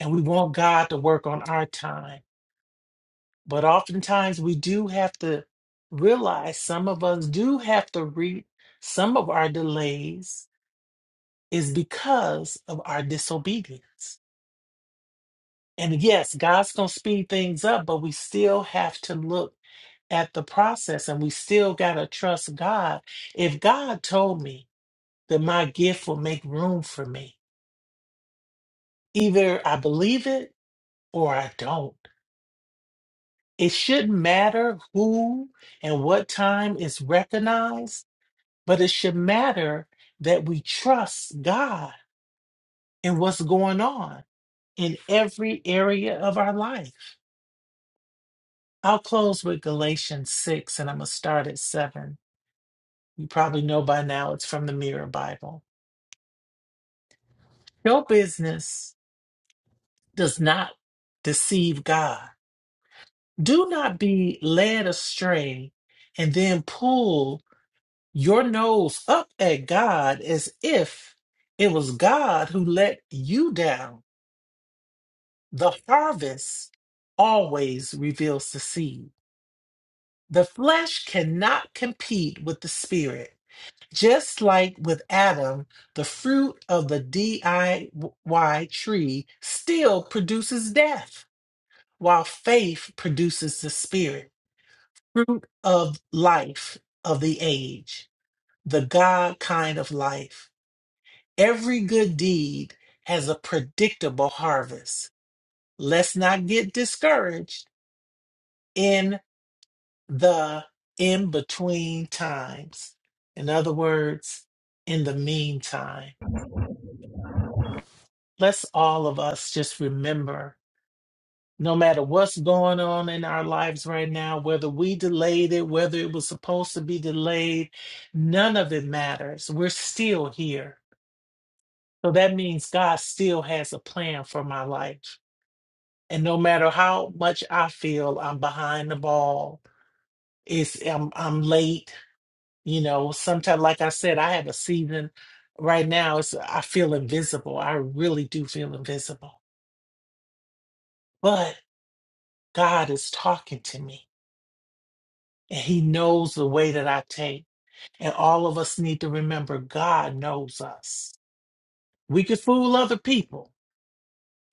and we want God to work on our time, but oftentimes we do have to realize some of us do have to reap some of our delays is because of our disobedience. And yes, God's going to speed things up, but we still have to look at the process and we still got to trust God. If God told me that my gift will make room for me, either I believe it or I don't. It shouldn't matter who and what time is recognized, but it should matter that we trust God in what's going on in every area of our life. I'll close with Galatians 6 and I'm going to start at 7. You probably know by now it's from the Mirror Bible. Your business does not deceive God. Do not be led astray and then pull your nose up at God as if it was God who let you down. The harvest always reveals the seed. The flesh cannot compete with the spirit Just like with Adam, the fruit of the DIY tree still produces death, while faith produces the spirit, fruit of life of the age, the God kind of life. Every good deed has a predictable harvest. Let's not get discouraged in the in between times. In other words, in the meantime. let's all of us just remember no matter what's going on in our lives right now, whether we delayed it, whether it was supposed to be delayed, none of it matters. We're still here. So that means God still has a plan for my life. And no matter how much I feel I'm behind the ball, it's I'm, I'm late, you know, sometimes like I said, I have a season right now, it's I feel invisible. I really do feel invisible. but. God is talking to me and he knows the way that I take. And all of us need to remember God knows us. We could fool other people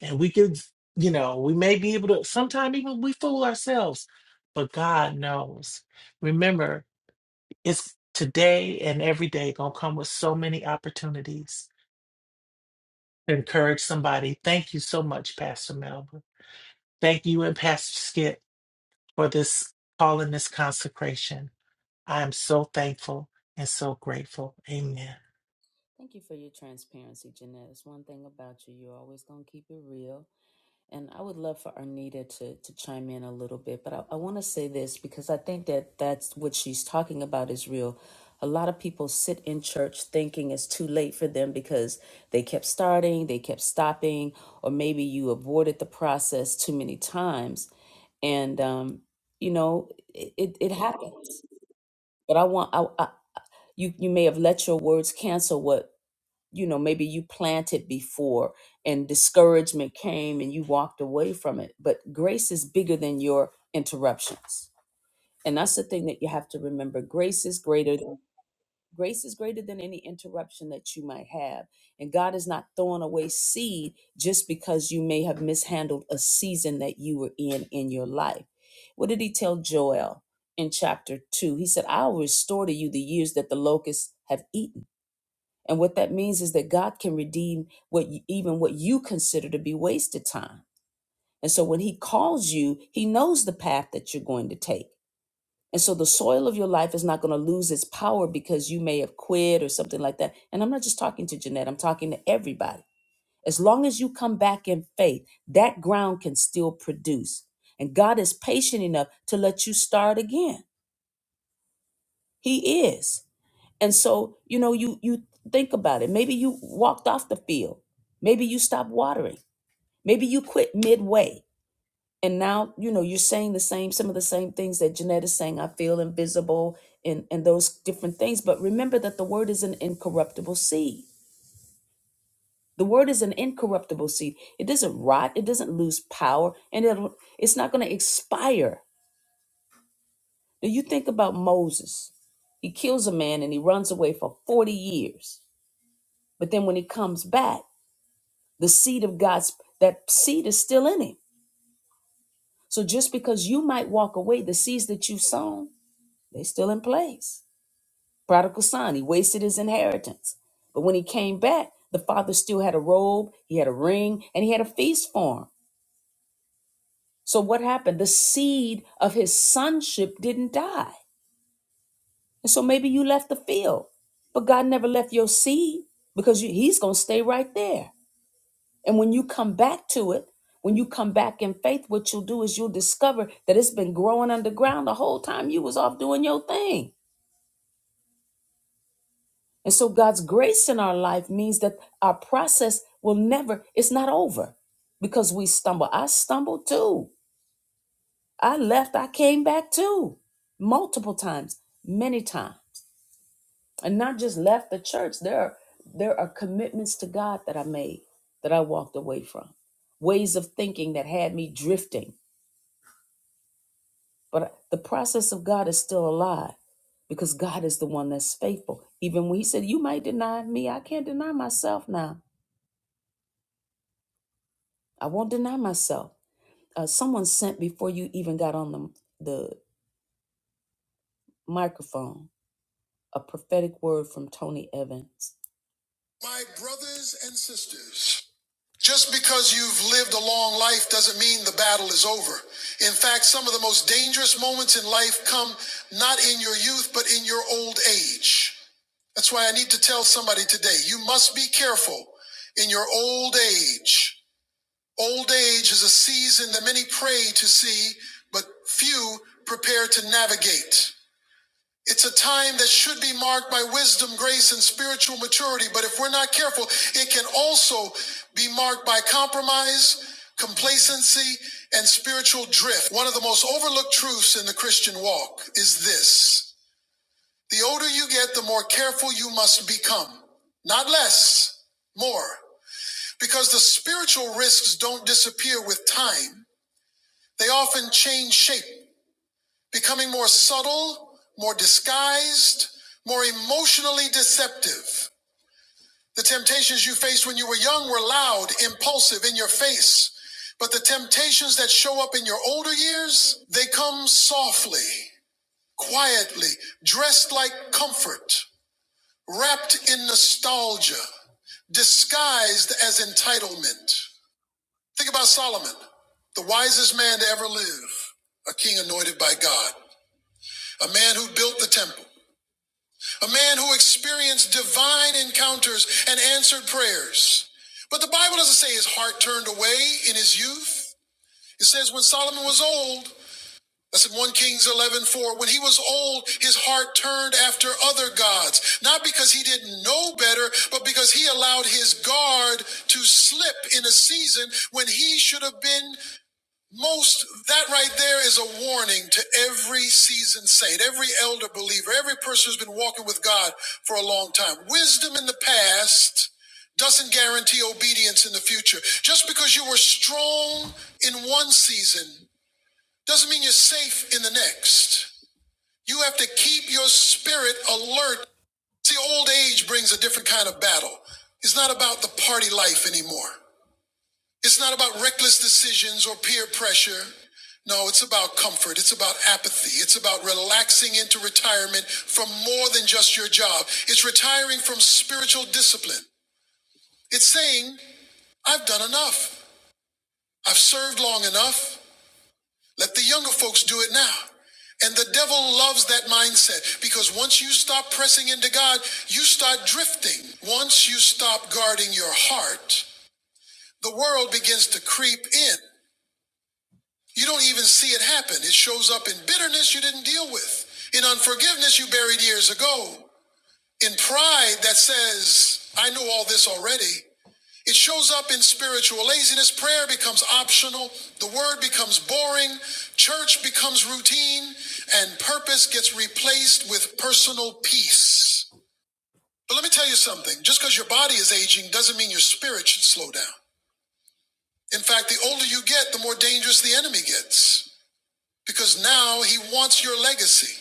and we could, you know, we may be able to, sometimes even we fool ourselves, but God knows. Remember, it's today and every day going to come with so many opportunities to encourage somebody. Thank you so much, Pastor Melba. Thank you and Pastor Skip for this call and this consecration. I am so thankful and so grateful. Amen. Thank you for your transparency, Jeanette. It's one thing about you. You're always going to keep it real. And I would love for Arnita to, to chime in a little bit, but I, I want to say this because I think that that's what she's talking about is real. A lot of people sit in church thinking it's too late for them because they kept starting, they kept stopping, or maybe you aborted the process too many times. And, um, you know, it, it, it happens. But I want, I, I, you, you may have let your words cancel what you know maybe you planted before and discouragement came and you walked away from it but grace is bigger than your interruptions and that's the thing that you have to remember grace is greater than grace is greater than any interruption that you might have and god is not throwing away seed just because you may have mishandled a season that you were in in your life what did he tell joel in chapter 2 he said i'll restore to you the years that the locusts have eaten and what that means is that God can redeem what you, even what you consider to be wasted time. And so when he calls you, he knows the path that you're going to take. And so the soil of your life is not going to lose its power because you may have quit or something like that. And I'm not just talking to Jeanette, I'm talking to everybody. As long as you come back in faith, that ground can still produce. And God is patient enough to let you start again. He is. And so, you know, you you think about it. Maybe you walked off the field. Maybe you stopped watering. Maybe you quit midway. And now, you know, you're saying the same, some of the same things that Jeanette is saying. I feel invisible and, and those different things. But remember that the word is an incorruptible seed. The word is an incorruptible seed. It doesn't rot, it doesn't lose power, and it'll, it's not going to expire. Now you think about Moses. He kills a man and he runs away for 40 years. But then when he comes back, The seed of God's, that seed is still in him. So just because you might walk away, the seeds that you've sown, they still in place. Prodigal son, he wasted his inheritance. But when he came back, the father still had a robe, he had a ring, and he had a feast for him. So what happened? The seed of his sonship didn't die. And so maybe you left the field, but God never left your seed because you, he's going to stay right there. And when you come back to it, when you come back in faith, what you'll do is you'll discover that it's been growing underground the whole time you was off doing your thing. And so God's grace in our life means that our process will never, it's not over because we stumble. I stumbled too. I left, I came back too. Multiple times, many times. And not just left the church. There are there are commitments to God that I made that I walked away from. Ways of thinking that had me drifting But the process of God is still alive because God is the one that's faithful. Even when He said, You might deny me, I can't deny myself now. I won't deny myself. Uh, someone sent before you even got on the, the microphone a prophetic word from Tony Evans. My brothers and sisters, just because you've lived a long life doesn't mean the battle is over. In fact, some of the most dangerous moments in life come not in your youth, but in your old age. That's why I need to tell somebody today you must be careful in your old age. Old age is a season that many pray to see, but few prepare to navigate. It's a time that should be marked by wisdom, grace, and spiritual maturity, but if we're not careful, it can also be marked by compromise, complacency, and spiritual drift. One of the most overlooked truths in the Christian walk is this. The older you get, the more careful you must become. Not less, more. Because the spiritual risks don't disappear with time, they often change shape, becoming more subtle, more disguised, more emotionally deceptive. The temptations you faced when you were young were loud, impulsive, in your face. But the temptations that show up in your older years, they come softly, quietly, dressed like comfort. wrapped in nostalgia, disguised as entitlement. Think about Solomon, the wisest man to ever live, a king anointed by God, a man who built the temple, a man who experienced divine encounters and answered prayers. But the Bible doesn't say his heart turned away in his youth. It says when Solomon was old, That's in 1 Kings 11 4. When he was old, his heart turned after other gods, not because he didn't know better, but because he allowed his guard to slip in a season when he should have been most. That right there is a warning to every seasoned saint, every elder believer, every person who's been walking with God for a long time. Wisdom in the past doesn't guarantee obedience in the future. Just because you were strong in one season doesn't mean you're safe in the next. You have to keep your spirit alert. See, old age brings a different kind of battle. It's not about the party life anymore. It's not about reckless decisions or peer pressure. No, it's about comfort. It's about apathy. It's about relaxing into retirement from more than just your job. It's retiring from spiritual discipline. It's saying, I've done enough. I've served long enough. Let the younger folks do it now. And the devil loves that mindset because once you stop pressing into God, you start drifting. Once you stop guarding your heart, the world begins to creep in. You don't even see it happen. It shows up in bitterness you didn't deal with, in unforgiveness you buried years ago. In pride that says, I know all this already, it shows up in spiritual laziness. Prayer becomes optional. The word becomes boring. Church becomes routine. And purpose gets replaced with personal peace. But let me tell you something just because your body is aging doesn't mean your spirit should slow down. In fact, the older you get, the more dangerous the enemy gets. Because now he wants your legacy.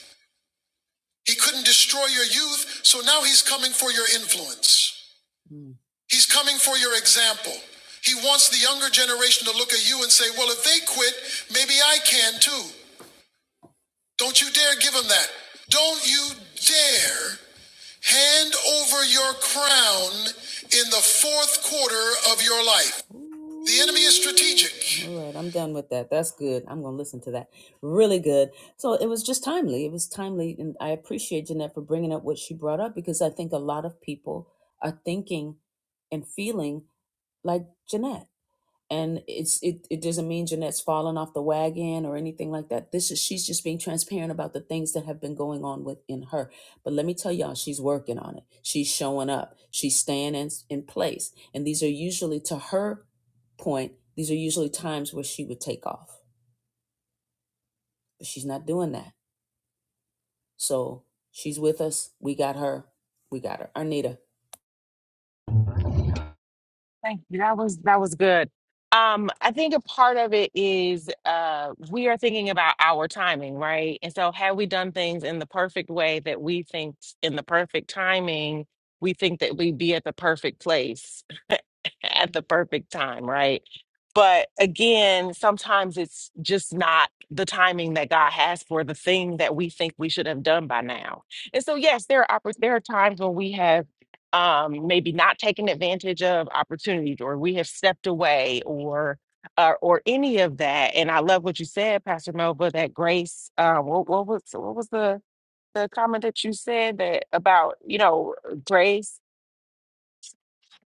He couldn't destroy your youth, so now he's coming for your influence. He's coming for your example. He wants the younger generation to look at you and say, well, if they quit, maybe I can too. Don't you dare give him that. Don't you dare hand over your crown in the fourth quarter of your life. The enemy is strategic. All right, I'm done with that. That's good. I'm going to listen to that. Really good. So it was just timely. It was timely. And I appreciate Jeanette for bringing up what she brought up because I think a lot of people are thinking and feeling like Jeanette. And it's it, it doesn't mean Jeanette's fallen off the wagon or anything like that. This is she's just being transparent about the things that have been going on within her. But let me tell y'all, she's working on it. She's showing up. She's staying in, in place. And these are usually to her point, these are usually times where she would take off. But she's not doing that. So she's with us. We got her. We got her. Arnita. Thank you. That was that was good. Um, I think a part of it is uh we are thinking about our timing, right? And so have we done things in the perfect way that we think in the perfect timing, we think that we'd be at the perfect place at the perfect time, right? But again, sometimes it's just not the timing that God has for the thing that we think we should have done by now. And so, yes, there are oppor- there are times when we have um, maybe not taken advantage of opportunities, or we have stepped away, or uh, or any of that. And I love what you said, Pastor Melba, that grace. Uh, what, what was what was the the comment that you said that about you know grace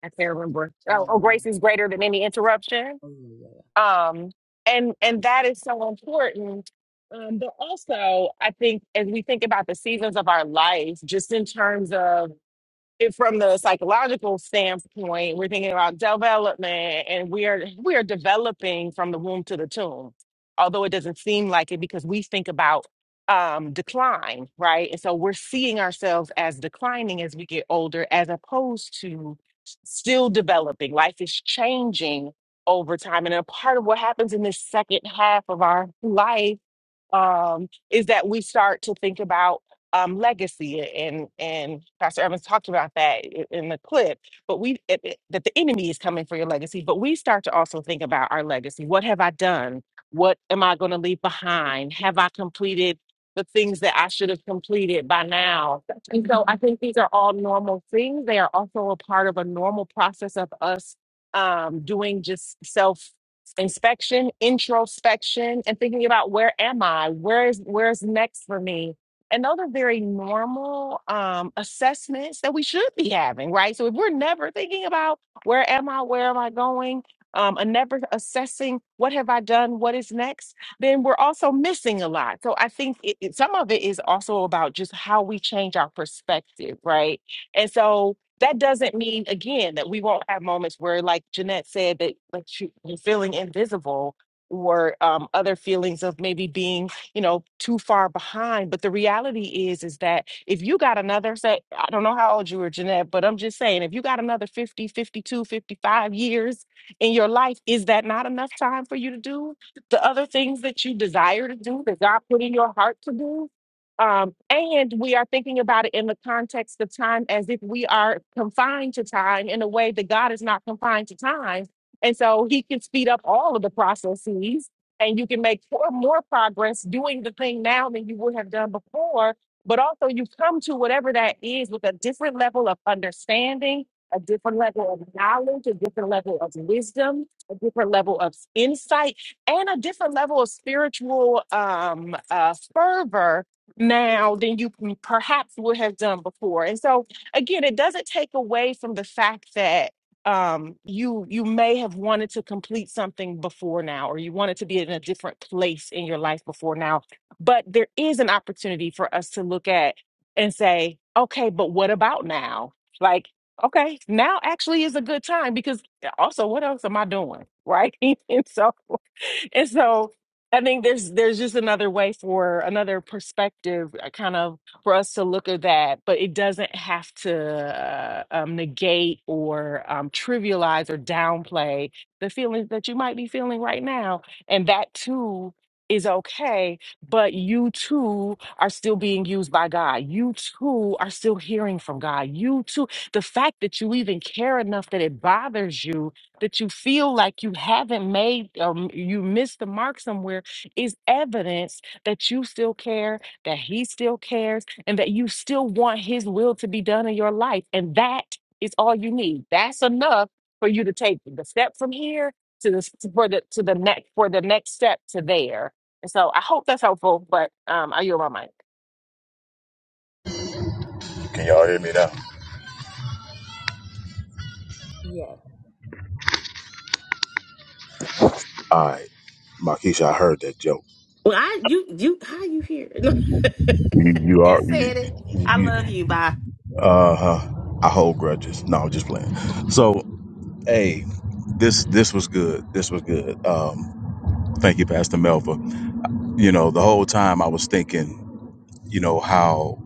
I can't remember. Oh, oh, Um, grace is greater than any interruption. oh, yeah. Um, and and that is so important. Um, but also, I think as we think about the seasons of our life, just in terms of it- from the psychological standpoint, we're thinking about development and we are we are developing from the womb to the tomb, although it doesn't seem like it because we think about um, decline, right? And so we're seeing ourselves as declining as we get older, as opposed to still developing. Life is changing over time, and a part of what happens in this second half of our life um, is that we start to think about um, legacy, and and Pastor Evans talked about that i- in the clip. But we it- it- that the enemy is coming for your legacy, but we start to also think about our legacy. What have I done? What am I going to leave behind? Have I completed the things that I should have completed by now? And so I think these are all normal things. They are also a part of a normal process of us um, doing just self inspection, introspection, and thinking about where am I? Where is where's next for me? And those are very normal um, assessments that we should be having, right? So if we're never thinking about where am I, where am I going, um, and never assessing what have I done, what is next, then we're also missing a lot. So I think it, it- some of it is also about just how we change our perspective, right? And so that doesn't mean again that we won't have moments where like Jeanette said that like you- you're feeling invisible or um, other feelings of maybe being you know too far behind but the reality is is that if you got another say i don't know how old you were jeanette but i'm just saying if you got another 50, 52, 55 years in your life is that not enough time for you to do the other things that you desire to do that god put in your heart to do um, and we are thinking about it in the context of time as if we are confined to time in a way that God is not confined to time. And so he can speed up all of the processes and you can make more, more progress doing the thing now than you would have done before. But also, you come to whatever that is with a different level of understanding, a different level of knowledge, a different level of wisdom, a different level of insight, and a different level of spiritual um, uh, fervor now than you m- perhaps would have done before. And so again, it doesn't take away from the fact that um you you may have wanted to complete something before now or you wanted to be in a different place in your life before now but there is an opportunity for us to look at and say okay but what about now like okay now actually is a good time because also what else am i doing right and so and so I think there's there's just another way for another perspective, uh, kind of for us to look at that, but it doesn't have to uh, um, negate or um, trivialize or downplay the feelings that you might be feeling right now, and that too is okay. But you too are still being used by God. You too are still hearing from God. You too, the fact that you even care enough that it bothers you that you feel like you haven't made um, you missed the mark somewhere is evidence that you still care, that he still cares, and that you still want his will to be done in your life. And that is all you need. That's enough for you to take the step from here to this for the to the next for the next step to there. And so I hope that's helpful, but um I yield my mic. Can y'all hear me now? yeah. Yes. All right, Markeisha, I heard that joke. Well, I you you how you here? You, you are. and You, said it. I you, love you. Bye. uh huh. I hold grudges. No, I'm just playing. So, hey, this this was good. This was good. Um, thank you, Pastor Melva. You know, the whole time I was thinking, you know, how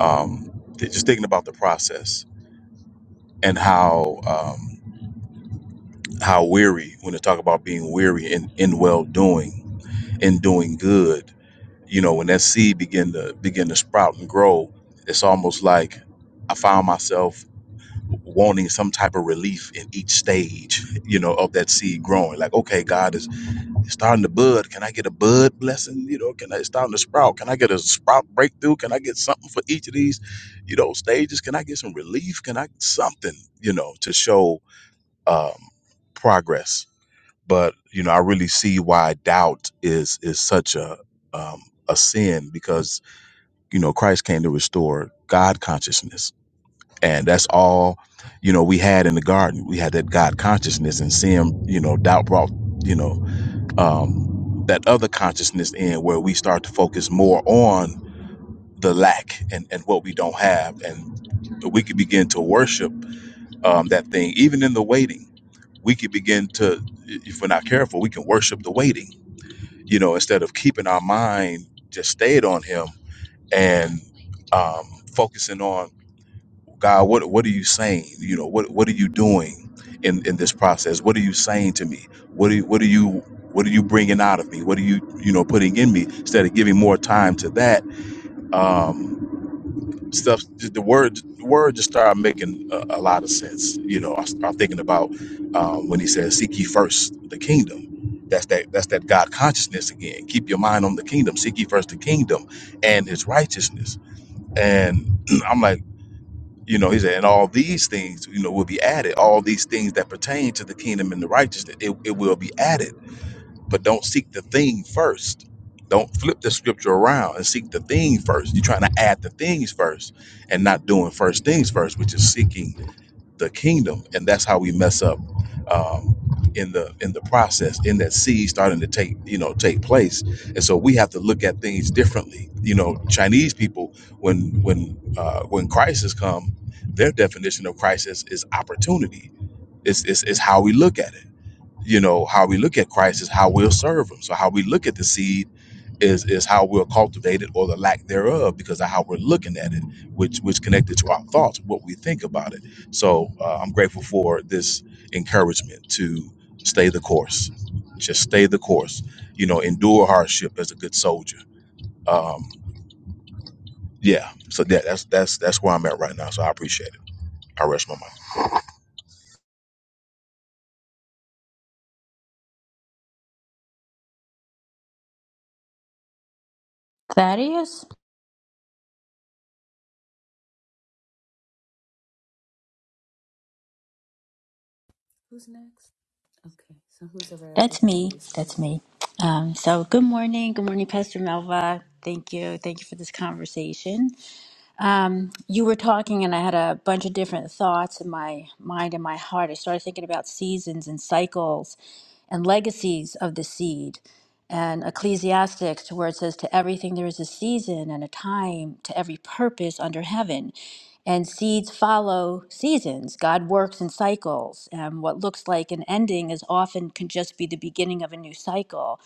um, just thinking about the process and how um, how weary when they talk about being weary in in well doing in doing good. you know when that seed begin to begin to sprout and grow it's almost like i found myself wanting some type of relief in each stage you know of that seed growing like okay god is it's starting to bud can i get a bud blessing you know can i it's starting to sprout can i get a sprout breakthrough can i get something for each of these you know stages can i get some relief can i something you know to show um progress but you know i really see why doubt is is such a um a sin because you know christ came to restore god consciousness and that's all you know we had in the garden we had that god consciousness and sin you know doubt brought you know um that other consciousness in where we start to focus more on the lack and and what we don't have and we could begin to worship um that thing even in the waiting we could begin to if we're not careful we can worship the waiting you know instead of keeping our mind just stayed on him and um focusing on God, what what are you saying? You know, what what are you doing in in this process? What are you saying to me? What are you, what are you what are you bringing out of me? What are you you know putting in me? Instead of giving more time to that um, stuff, the the word the word just started making a, a lot of sense. You know, I start thinking about um, when he says, "Seek ye first the kingdom." That's that that's that God consciousness again. Keep your mind on the kingdom. Seek ye first the kingdom and His righteousness. And I'm like. You know, he said, and all these things, you know, will be added. All these things that pertain to the kingdom and the righteousness, it, it will be added. But don't seek the thing first. Don't flip the scripture around and seek the thing first. You're trying to add the things first and not doing first things first, which is seeking the kingdom, and that's how we mess up um, in the in the process, in that seed starting to take you know take place, and so we have to look at things differently. You know, Chinese people, when when uh, when crisis come, their definition of crisis is opportunity. It's, it's, it's how we look at it you know how we look at christ is how we'll serve him so how we look at the seed is is how we'll cultivate it or the lack thereof because of how we're looking at it which which connected to our thoughts what we think about it so uh, i'm grateful for this encouragement to stay the course just stay the course you know endure hardship as a good soldier um yeah so that, that's that's that's where i'm at right now so i appreciate it i rest my mind Thaddeus? Who's next? Okay. So who's ever after That's me. Thaddeus? Go That's ahead. me. Um, so good morning. Good morning, Pastor Melva. Thank you. Thank you for this conversation. Um, you were talking and I had a bunch of different thoughts in my mind and my heart. I started thinking about seasons and cycles and legacies of the seed and Ecclesiastics to where it says to everything there is a season and a time to every purpose under heaven. And seeds follow seasons. God works in cycles. And what looks like an ending is often can just be the beginning of a new cycle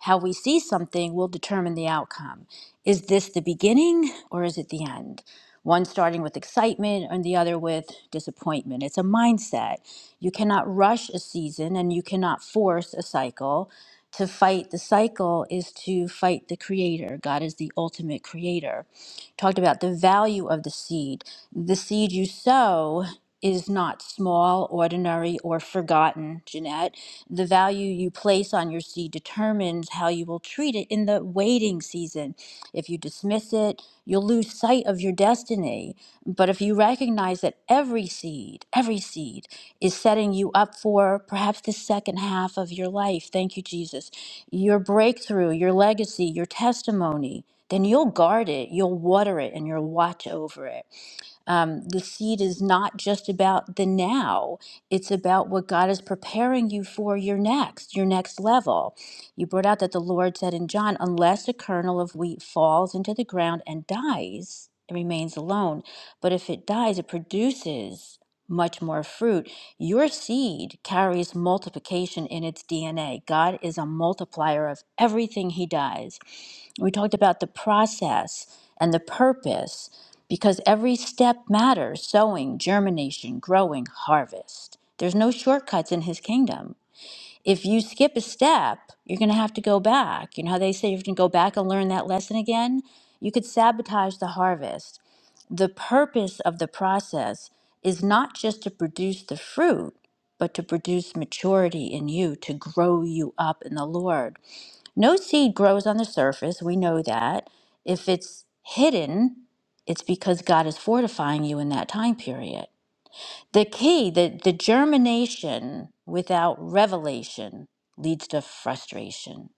how we see something will determine the outcome. Is this the beginning or is it the end? One starting with excitement and the other with disappointment. It's a mindset. You cannot rush a season and you cannot force a cycle. To fight the cycle is to fight the creator. God is the ultimate creator. Talked about the value of the seed. The seed you sow is not small, ordinary, or forgotten, Jeanette the value you place on your seed determines how you will treat it in the waiting season. If you dismiss it, you'll lose sight of your destiny. But if you recognize that every seed, every seed is setting you up for perhaps the second half of your life, thank you, Jesus, your breakthrough, your legacy, your testimony, then you'll guard it, you'll water it, and you'll watch over it. Um, the seed is not just about the now, it's about what God is preparing you for your next, your next level. You brought out that the Lord said in John, unless a kernel of wheat falls into the ground and dies, it remains alone. But if it dies, it produces much more fruit. Your seed carries multiplication in its DNA. God is a multiplier of everything He does. We talked about the process and the purpose because every step matters sowing, germination, growing, harvest. There's no shortcuts in his kingdom. If you skip a step, you're going to have to go back. You know how they say you have to go back and learn that lesson again? You could sabotage the harvest. The purpose of the process is not just to produce the fruit, but to produce maturity in you, to grow you up in the Lord. No seed grows on the surface. We know that. If it's hidden, it's because God is fortifying you in that time period. The key, the, the germination without revelation leads to frustration.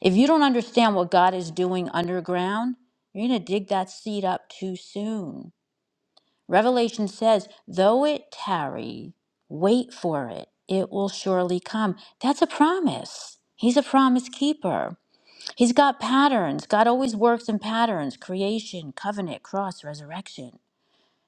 If you don't understand what God is doing underground, you're going to dig that seed up too soon. Revelation says, though it tarry, wait for it. It will surely come. That's a promise. He's a promise keeper. He's got patterns. God always works in patterns creation, covenant, cross, resurrection.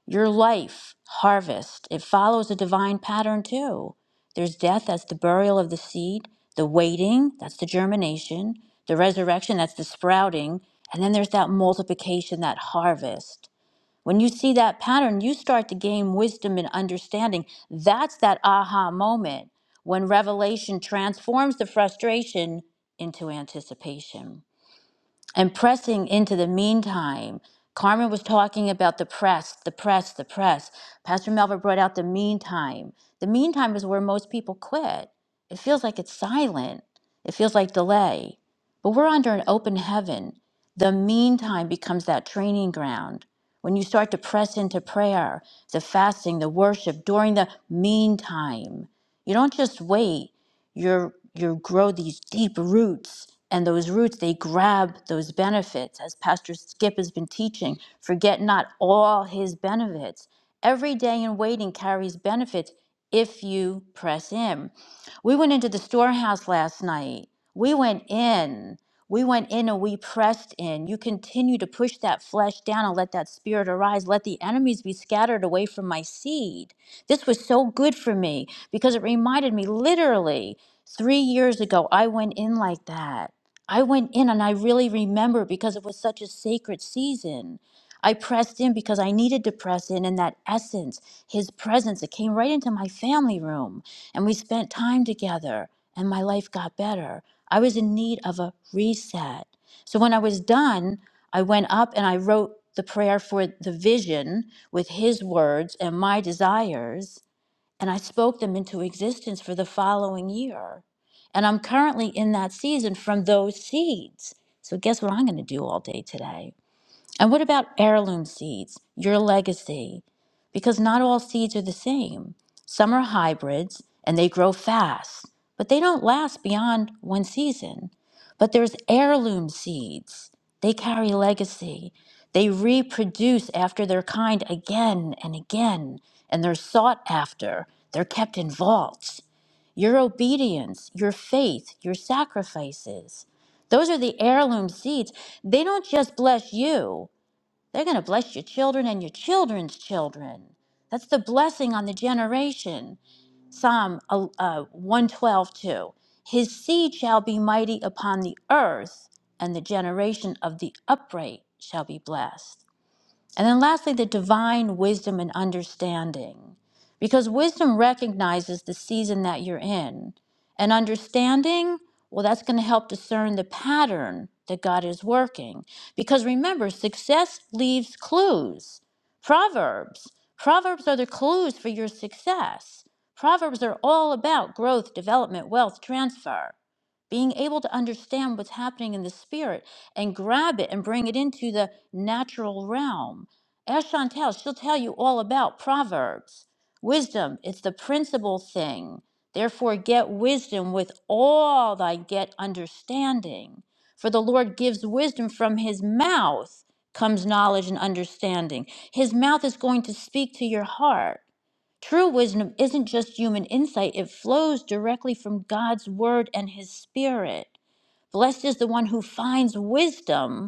Your life, harvest, it follows a divine pattern too. There's death, that's the burial of the seed, the waiting, that's the germination, the resurrection, that's the sprouting, and then there's that multiplication, that harvest. When you see that pattern, you start to gain wisdom and understanding. That's that aha moment when revelation transforms the frustration into anticipation and pressing into the meantime. Carmen was talking about the press, the press, the press. Pastor Melvin brought out the meantime. The meantime is where most people quit. It feels like it's silent, it feels like delay. But we're under an open heaven. The meantime becomes that training ground. When you start to press into prayer, the fasting, the worship during the meantime, you don't just wait you you grow these deep roots and those roots they grab those benefits as pastor skip has been teaching forget not all his benefits every day in waiting carries benefits if you press in we went into the storehouse last night we went in we went in and we pressed in you continue to push that flesh down and let that spirit arise let the enemies be scattered away from my seed this was so good for me because it reminded me literally Three years ago, I went in like that. I went in and I really remember because it was such a sacred season. I pressed in because I needed to press in, and that essence, his presence, it came right into my family room. And we spent time together, and my life got better. I was in need of a reset. So when I was done, I went up and I wrote the prayer for the vision with his words and my desires and I spoke them into existence for the following year. And I'm currently in that season from those seeds. So, guess what I'm going to do all day today? And what about heirloom seeds, your legacy? Because not all seeds are the same. Some are hybrids and they grow fast, but they don't last beyond one season. But there's heirloom seeds. They carry legacy. They reproduce after their kind again and again, and they're sought after. They're kept in vaults. Your obedience, your faith, your sacrifices. Those are the heirloom seeds. They don't just bless you, they're going to bless your children and your children's children. That's the blessing on the generation. Psalm uh, uh, 112 His seed shall be mighty upon the earth, and the generation of the upright shall be blessed. And then lastly, the divine wisdom and understanding. Because wisdom recognizes the season that you're in. And understanding, well, that's going to help discern the pattern that God is working. Because remember, success leaves clues. Proverbs. Proverbs are the clues for your success. Proverbs are all about growth, development, wealth, transfer. Being able to understand what's happening in the spirit and grab it and bring it into the natural realm Ask Chantel, she'll tell you all about Proverbs. Wisdom, it's the principal thing. Therefore, get wisdom with all thy get understanding. For the Lord gives wisdom from his mouth comes knowledge and understanding. His mouth is going to speak to your heart. True wisdom isn't just human insight, it flows directly from God's word and his spirit. Blessed is the one who finds wisdom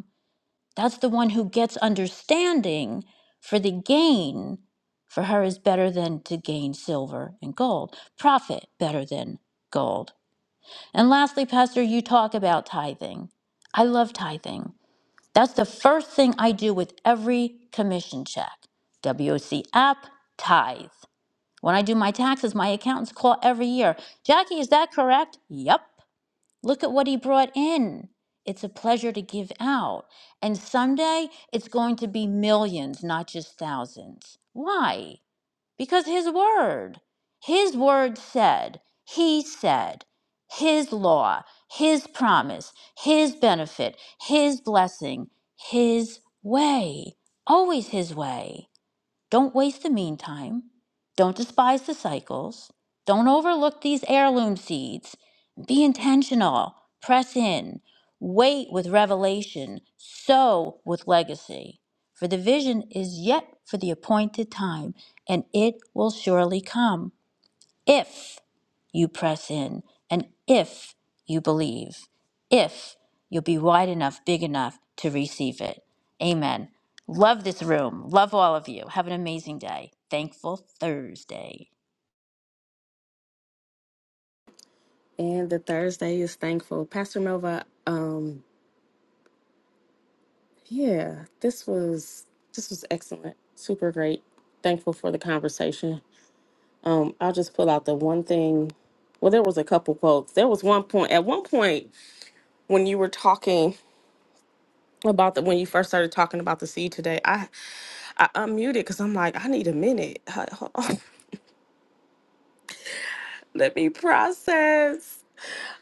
that's the one who gets understanding, for the gain for her is better than to gain silver and gold, profit better than gold. And lastly, Pastor, you talk about tithing. I love tithing. That's the first thing I do with every commission check. WOC app, tithe. When I do my taxes, my accountants call every year. Jackie, is that correct? Yep. Look at what he brought in. It's a pleasure to give out. And someday it's going to be millions, not just thousands. Why? Because his word. His word said, he said, his law, his promise, his benefit, his blessing, his way. Always his way. Don't waste the meantime. Don't despise the cycles. Don't overlook these heirloom seeds. Be intentional. Press in. Wait with revelation. Sow with legacy. For the vision is yet for the appointed time, and it will surely come if you press in and if you believe, if you'll be wide enough, big enough to receive it. Amen. Love this room. Love all of you. Have an amazing day. Thankful Thursday. And the Thursday is thankful. Pastor Nova, um, yeah, this was this was excellent. Super great. Thankful for the conversation. Um, I'll just pull out the one thing. Well, there was a couple quotes. There was one point at one point when you were talking about the when you first started talking about the seed today. I I unmuted because I'm like I need a minute. Hold on. Let me process.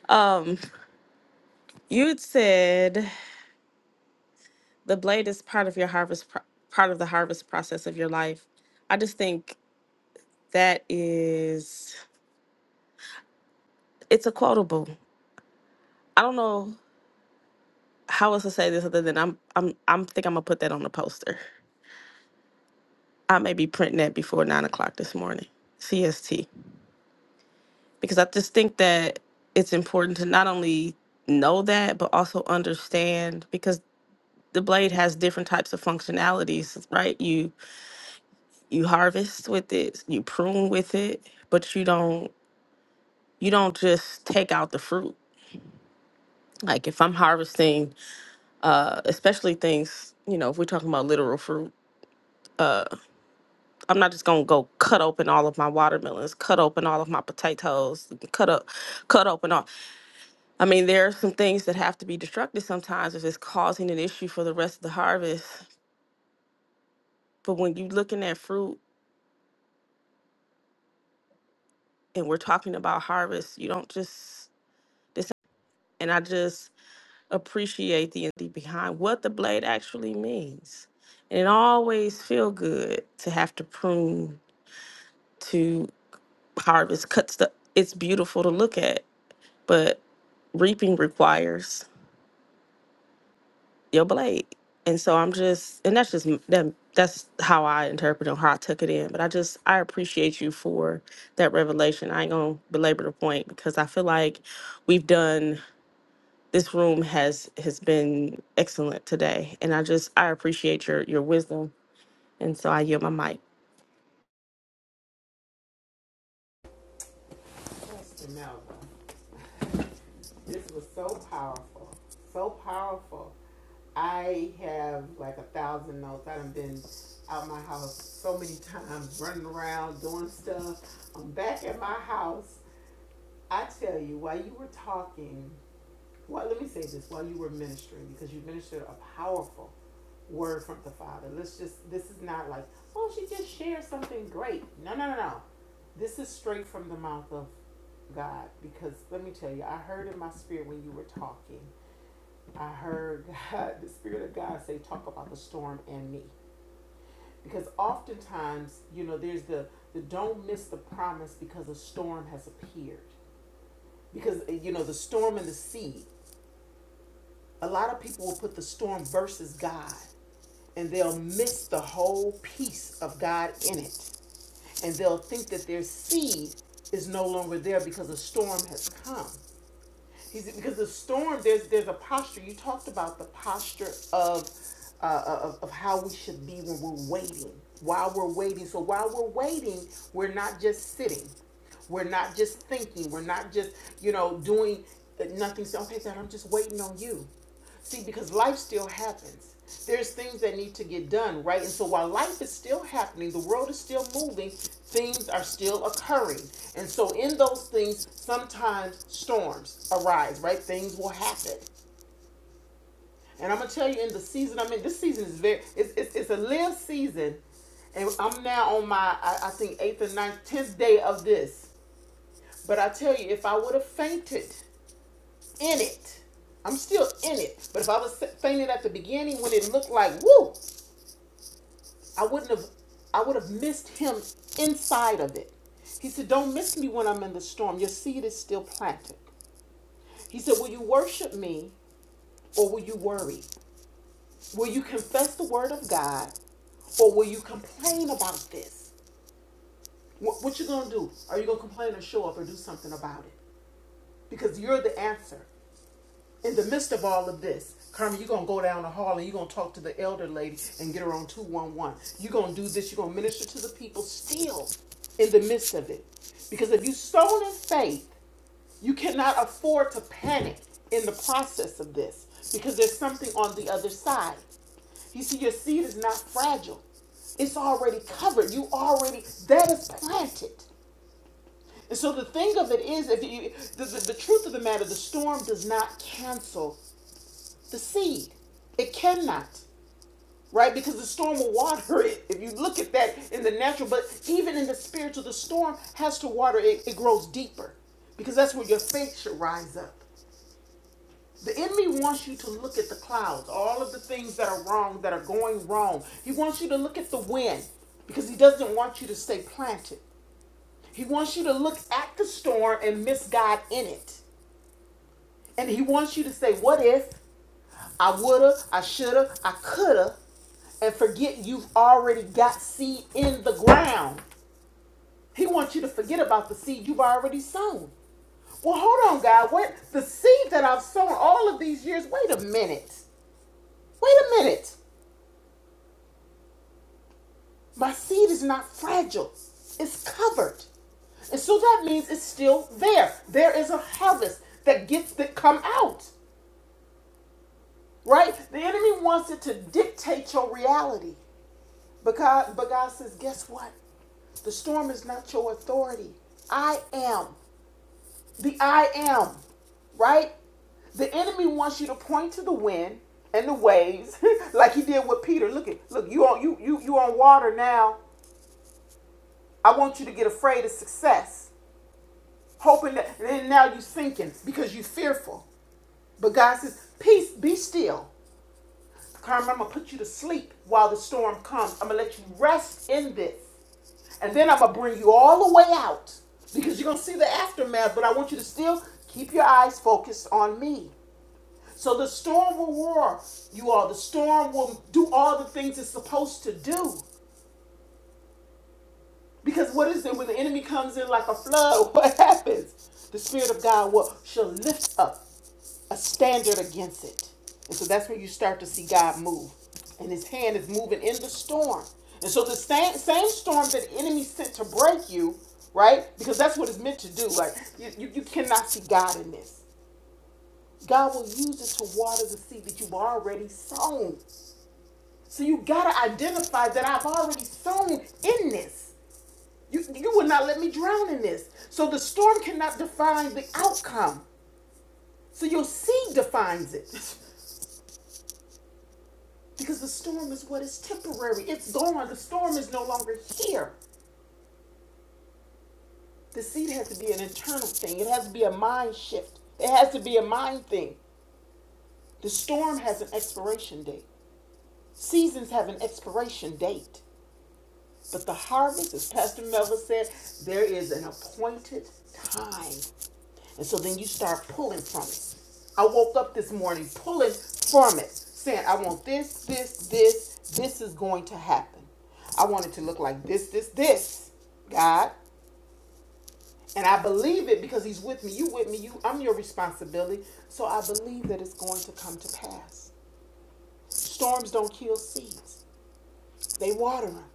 Um, You had said the blade is part of your harvest, pro- part of the harvest process of your life. I just think that is, it's a quotable. I don't know how else to say this other than I'm, I'm, I'm think I'm gonna put that on the poster. I may be printing that before nine o'clock this morning, CST, because I just think that it's important to not only know that but also understand because the blade has different types of functionalities, right? You you harvest with it, you prune with it, but you don't you don't just take out the fruit. Like if I'm harvesting, uh, especially things, you know, if we're talking about literal fruit, uh, I'm not just gonna go cut open all of my watermelons, cut open all of my potatoes, cut up, cut open all. I mean, there are some things that have to be destructed sometimes if it's causing an issue for the rest of the harvest. But when you're looking at fruit and we're talking about harvest, you don't just this. And I just appreciate the idea behind what the blade actually means. And it always feel good to have to prune to harvest cuts the it's beautiful to look at, but reaping requires your blade. And so I'm just and that's just m- that that's how I interpret it how I took it in. But I just I appreciate you for that revelation. I ain't gonna belabor the point because I feel like we've done This room has has been excellent today, and I just I appreciate your your wisdom, and so I yield my mic. know. This was so powerful, so powerful. I have like a thousand notes. I've been out my house so many times, running around doing stuff. I'm back at my house. I tell you, while you were talking, well, let me say this while you were ministering, because you ministered a powerful word from the Father. Let's just, this is not like, oh, she just shared something great. No, no, no, no. This is straight from the mouth of God, because let me tell you, I heard in my spirit when you were talking, I heard God, the Spirit of God say, talk about the storm and me. Because oftentimes, you know, there's the, the don't miss the promise because a storm has appeared. Because, you know, the storm and the sea a lot of people will put the storm versus God and they'll miss the whole piece of God in it. And they'll think that their seed is no longer there because a storm has come. He said, because the storm, there's there's a posture. You talked about the posture of, uh, of of how we should be when we're waiting. While we're waiting, so while we're waiting, we're not just sitting. We're not just thinking. We're not just you know doing uh, nothing. So okay, God, I'm just waiting on you. See, because life still happens. There's things that need to get done, right? And so while life is still happening, the world is still moving, things are still occurring. And so in those things, sometimes storms arise, right? Things will happen. And I'm gonna tell you in the season I'm in, this season is very it's it's, it's a live season. And I'm now on my I, I think eighth or ninth, tenth day of this. But I tell you, if I would have fainted in it. I'm still in it. But if I was saying it at the beginning when it looked like woo, I wouldn't have I would have missed him inside of it. He said, Don't miss me when I'm in the storm. Your seed is still planted. He said, Will you worship me or will you worry? Will you confess the word of God or will you complain about this? What, what you gonna do? Are you gonna complain or show up or do something about it? Because you're the answer. in the midst of all of this, Carmen, you're gonna go down the hall and you're gonna talk to the elder lady and get her on 211. You're gonna do this, you're gonna minister to the people still in the midst of it. Because if you sown in faith, you cannot afford to panic in the process of this because there's something on the other side. You see, your seed is not fragile. It's already covered. You already that is planted. And so the thing of it is, if you the, the, the truth of the matter, the storm does not cancel the seed. It cannot, right? Because the storm will water it. If you look at that in the natural, but even in the spiritual, the storm has to water it. It grows deeper because that's where your faith should rise up. The enemy wants you to look at the clouds, all of the things that are wrong, that are going wrong. He wants you to look at the wind because he doesn't want you to stay planted. He wants you to look at the storm and miss God in it. And he wants you to say, What if? I woulda, I shoulda, I coulda, and forget you've already got seed in the ground. He wants you to forget about the seed you've already sown. Well, hold on, God. What the seed that I've sown all of these years? Wait a minute. Wait a minute. My seed is not fragile. It's covered, and so that means it's still there. There is a harvest that gets to come out, right? The enemy wants it to dictate your reality. But God, but God says, guess what? The storm is not your authority. I am. The I am, right? The enemy wants you to point to the wind and the waves, like he did with Peter. Look at look, you on you you you on water now. I want you to get afraid of success. Hoping that and then now you are sinking because you're fearful. But God says, peace, be still. Carmen, I'm gonna put you to sleep while the storm comes. I'm gonna let you rest in this. And then I'm gonna bring you all the way out because you're gonna see the aftermath, but I want you to still keep your eyes focused on me. So the storm will roar, you all. The storm will do all the things it's supposed to do. Because what is it when the enemy comes in like a flood? What happens? The Spirit of God will shall lift up a standard against it. And so that's when you start to see God move. And his hand is moving in the storm. And so the same same storm that the enemy sent to break you, right? Because that's what it's meant to do. Like you, you, you cannot see God in this. God will use it to water the seed that you've already sown. So you gotta identify that I've already sown in this. You, you will not let me drown in this. So the storm cannot define the outcome. So your seed defines it. Because the storm is what is temporary. It's gone. The storm is no longer here. The seed has to be an internal thing, it has to be a mind shift, it has to be a mind thing. The storm has an expiration date, seasons have an expiration date. But the harvest, as Pastor Melvin said, there is an appointed time. And so then you start pulling from it. I woke up this morning pulling from it, saying, I want this, this, this, this is going to happen. I want it to look like this, this, this, God. And I believe it because He's with me. You with me. You I'm your responsibility. So I believe that it's going to come to pass. Storms don't kill seeds. They water them.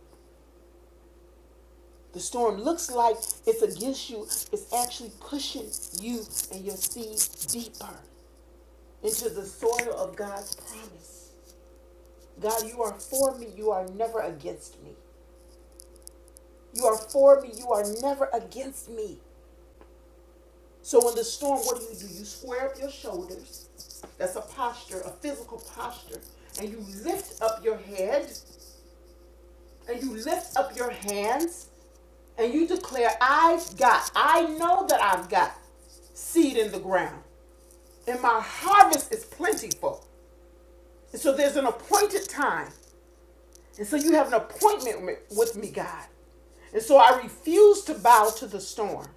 The storm looks like it's against you, it's actually pushing you and your seed deeper into the soil of God's promise. God, you are for me, you are never against me. You are for me, you are never against me. So when the storm, what do you do? You square up your shoulders. That's a posture, a physical posture. And you lift up your head and you lift up your hands and you declare, I've got, I know that I've got seed in the ground, and my harvest is plentiful. And so there's an appointed time. And so you have an appointment with me, God. And so I refuse to bow to the storm.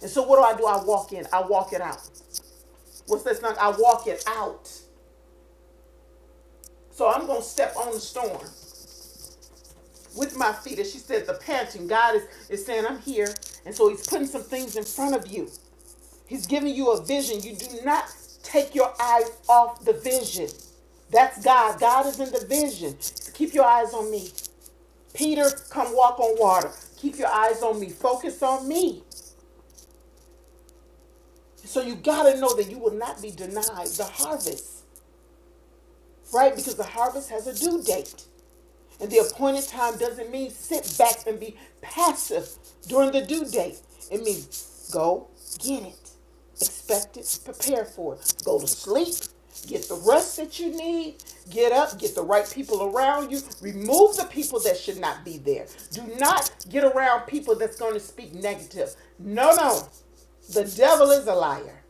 And so what do I do? I walk in, I walk it out. What's that song? I walk it out. So I'm going to step on the storm. with my feet, as she said, the passion. God is, is saying, I'm here. And so he's putting some things in front of you. He's giving you a vision. You do not take your eyes off the vision. That's God. God is in the vision. So keep your eyes on me. Peter, come walk on water. Keep your eyes on me. Focus on me. So you got to know that you will not be denied the harvest. right? Because the harvest has a due date. And the appointed time doesn't mean sit back and be passive during the due date. It means go get it, expect it, prepare for it, go to sleep, get the rest that you need, get up, get the right people around you, remove the people that should not be there. Do not get around people that's going to speak negative. No, no. The devil is a liar.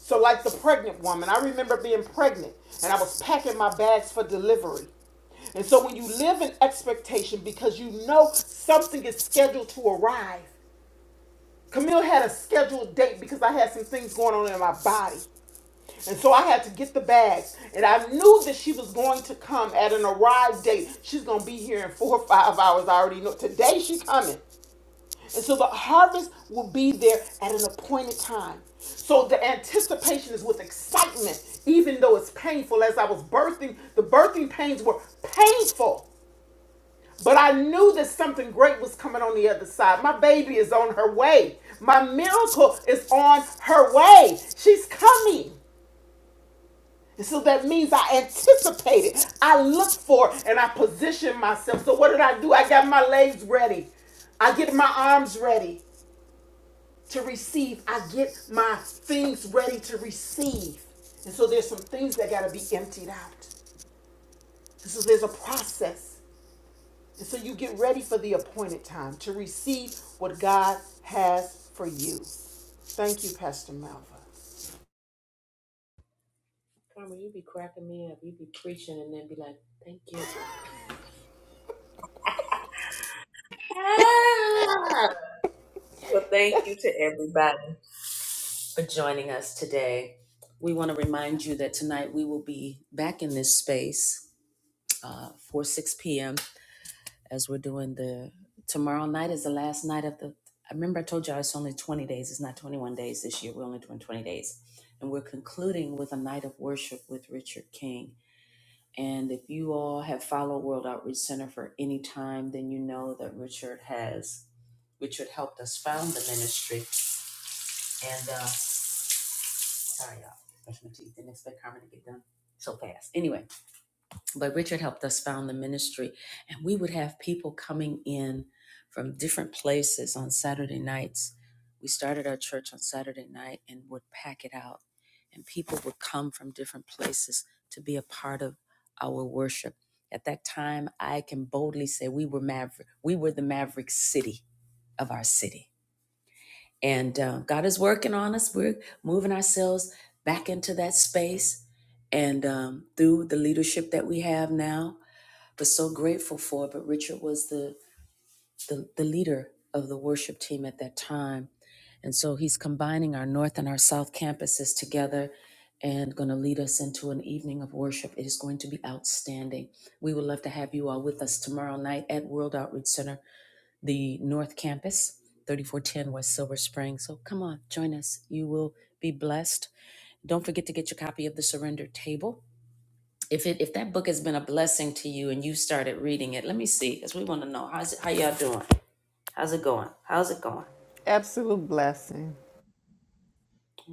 So, like the pregnant woman, I remember being pregnant and I was packing my bags for delivery. And so, when you live in expectation because you know something is scheduled to arrive, Camille had a scheduled date because I had some things going on in my body. And so I had to get the bags. And I knew that she was going to come at an arrived date. She's going to be here in four or five hours. I already know. Today she's coming. And so the harvest will be there at an appointed time. So the anticipation is with excitement, even though it's painful. As I was birthing, the birthing pains were painful. But I knew that something great was coming on the other side. My baby is on her way. My miracle is on her way. She's coming. And so that means I anticipated, I looked for, it, and I positioned myself. So what did I do? I got my legs ready. I get my arms ready. to receive. I get my things ready to receive. And so there's some things that got to be emptied out. And so there's a process. And so you get ready for the appointed time to receive what God has for you. Thank you, Pastor Malva. Karma, you be cracking me up. You be preaching and then be like, thank you. Ah! Well, thank you to everybody for joining us today. We want to remind you that tonight we will be back in this space uh, for 6 p.m. as we're doing the. Tomorrow night is the last night of the. I remember I told you it's only 20 days. It's not 21 days this year. We're only doing 20 days. And we're concluding with a night of worship with Richard King. And if you all have followed World Outreach Center for any time, then you know that Richard has, Richard helped us found the ministry. And, uh, sorry, y'all, brush my teeth. Didn't expect Carmen to get done so fast. Anyway, but Richard helped us found the ministry, and we would have people coming in from different places on Saturday nights. We started our church on Saturday night and would pack it out, and people would come from different places to be a part of our worship. At that time, I can boldly say we were maverick. We were the maverick city of our city, and um, God is working on us. We're moving ourselves back into that space, and um, through the leadership that we have now was so grateful for. But Richard was the, the, the leader of the worship team at that time. And so he's combining our North and our South campuses together and going to lead us into an evening of worship. It is going to be outstanding. We would love to have you all with us tomorrow night at World Outreach Center, the North Campus, 3410 West Silver Spring. So come on, join us. You will be blessed. Don't forget to get your copy of The Surrender Table if it if that book has been a blessing to you and you started reading it, let me see because we want to know how's it, how y'all doing? How's it going? How's it going? Absolute blessing.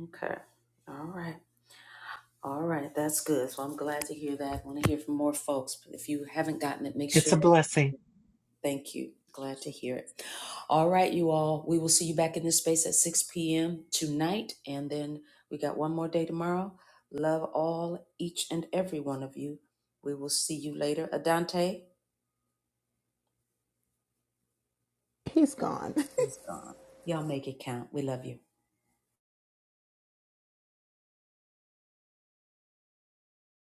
Okay, all right, all right, that's good. So I'm glad to hear that. I want to hear from more folks. But if you haven't gotten it, make It's sure a that. blessing. Thank you. Glad to hear it. All right, you all. We will see you back in this space at 6 p.m. tonight. And then we got one more day tomorrow. Love all, each and every one of you. We will see you later. Adante, He's gone. He's gone. Y'all make it count. We love you.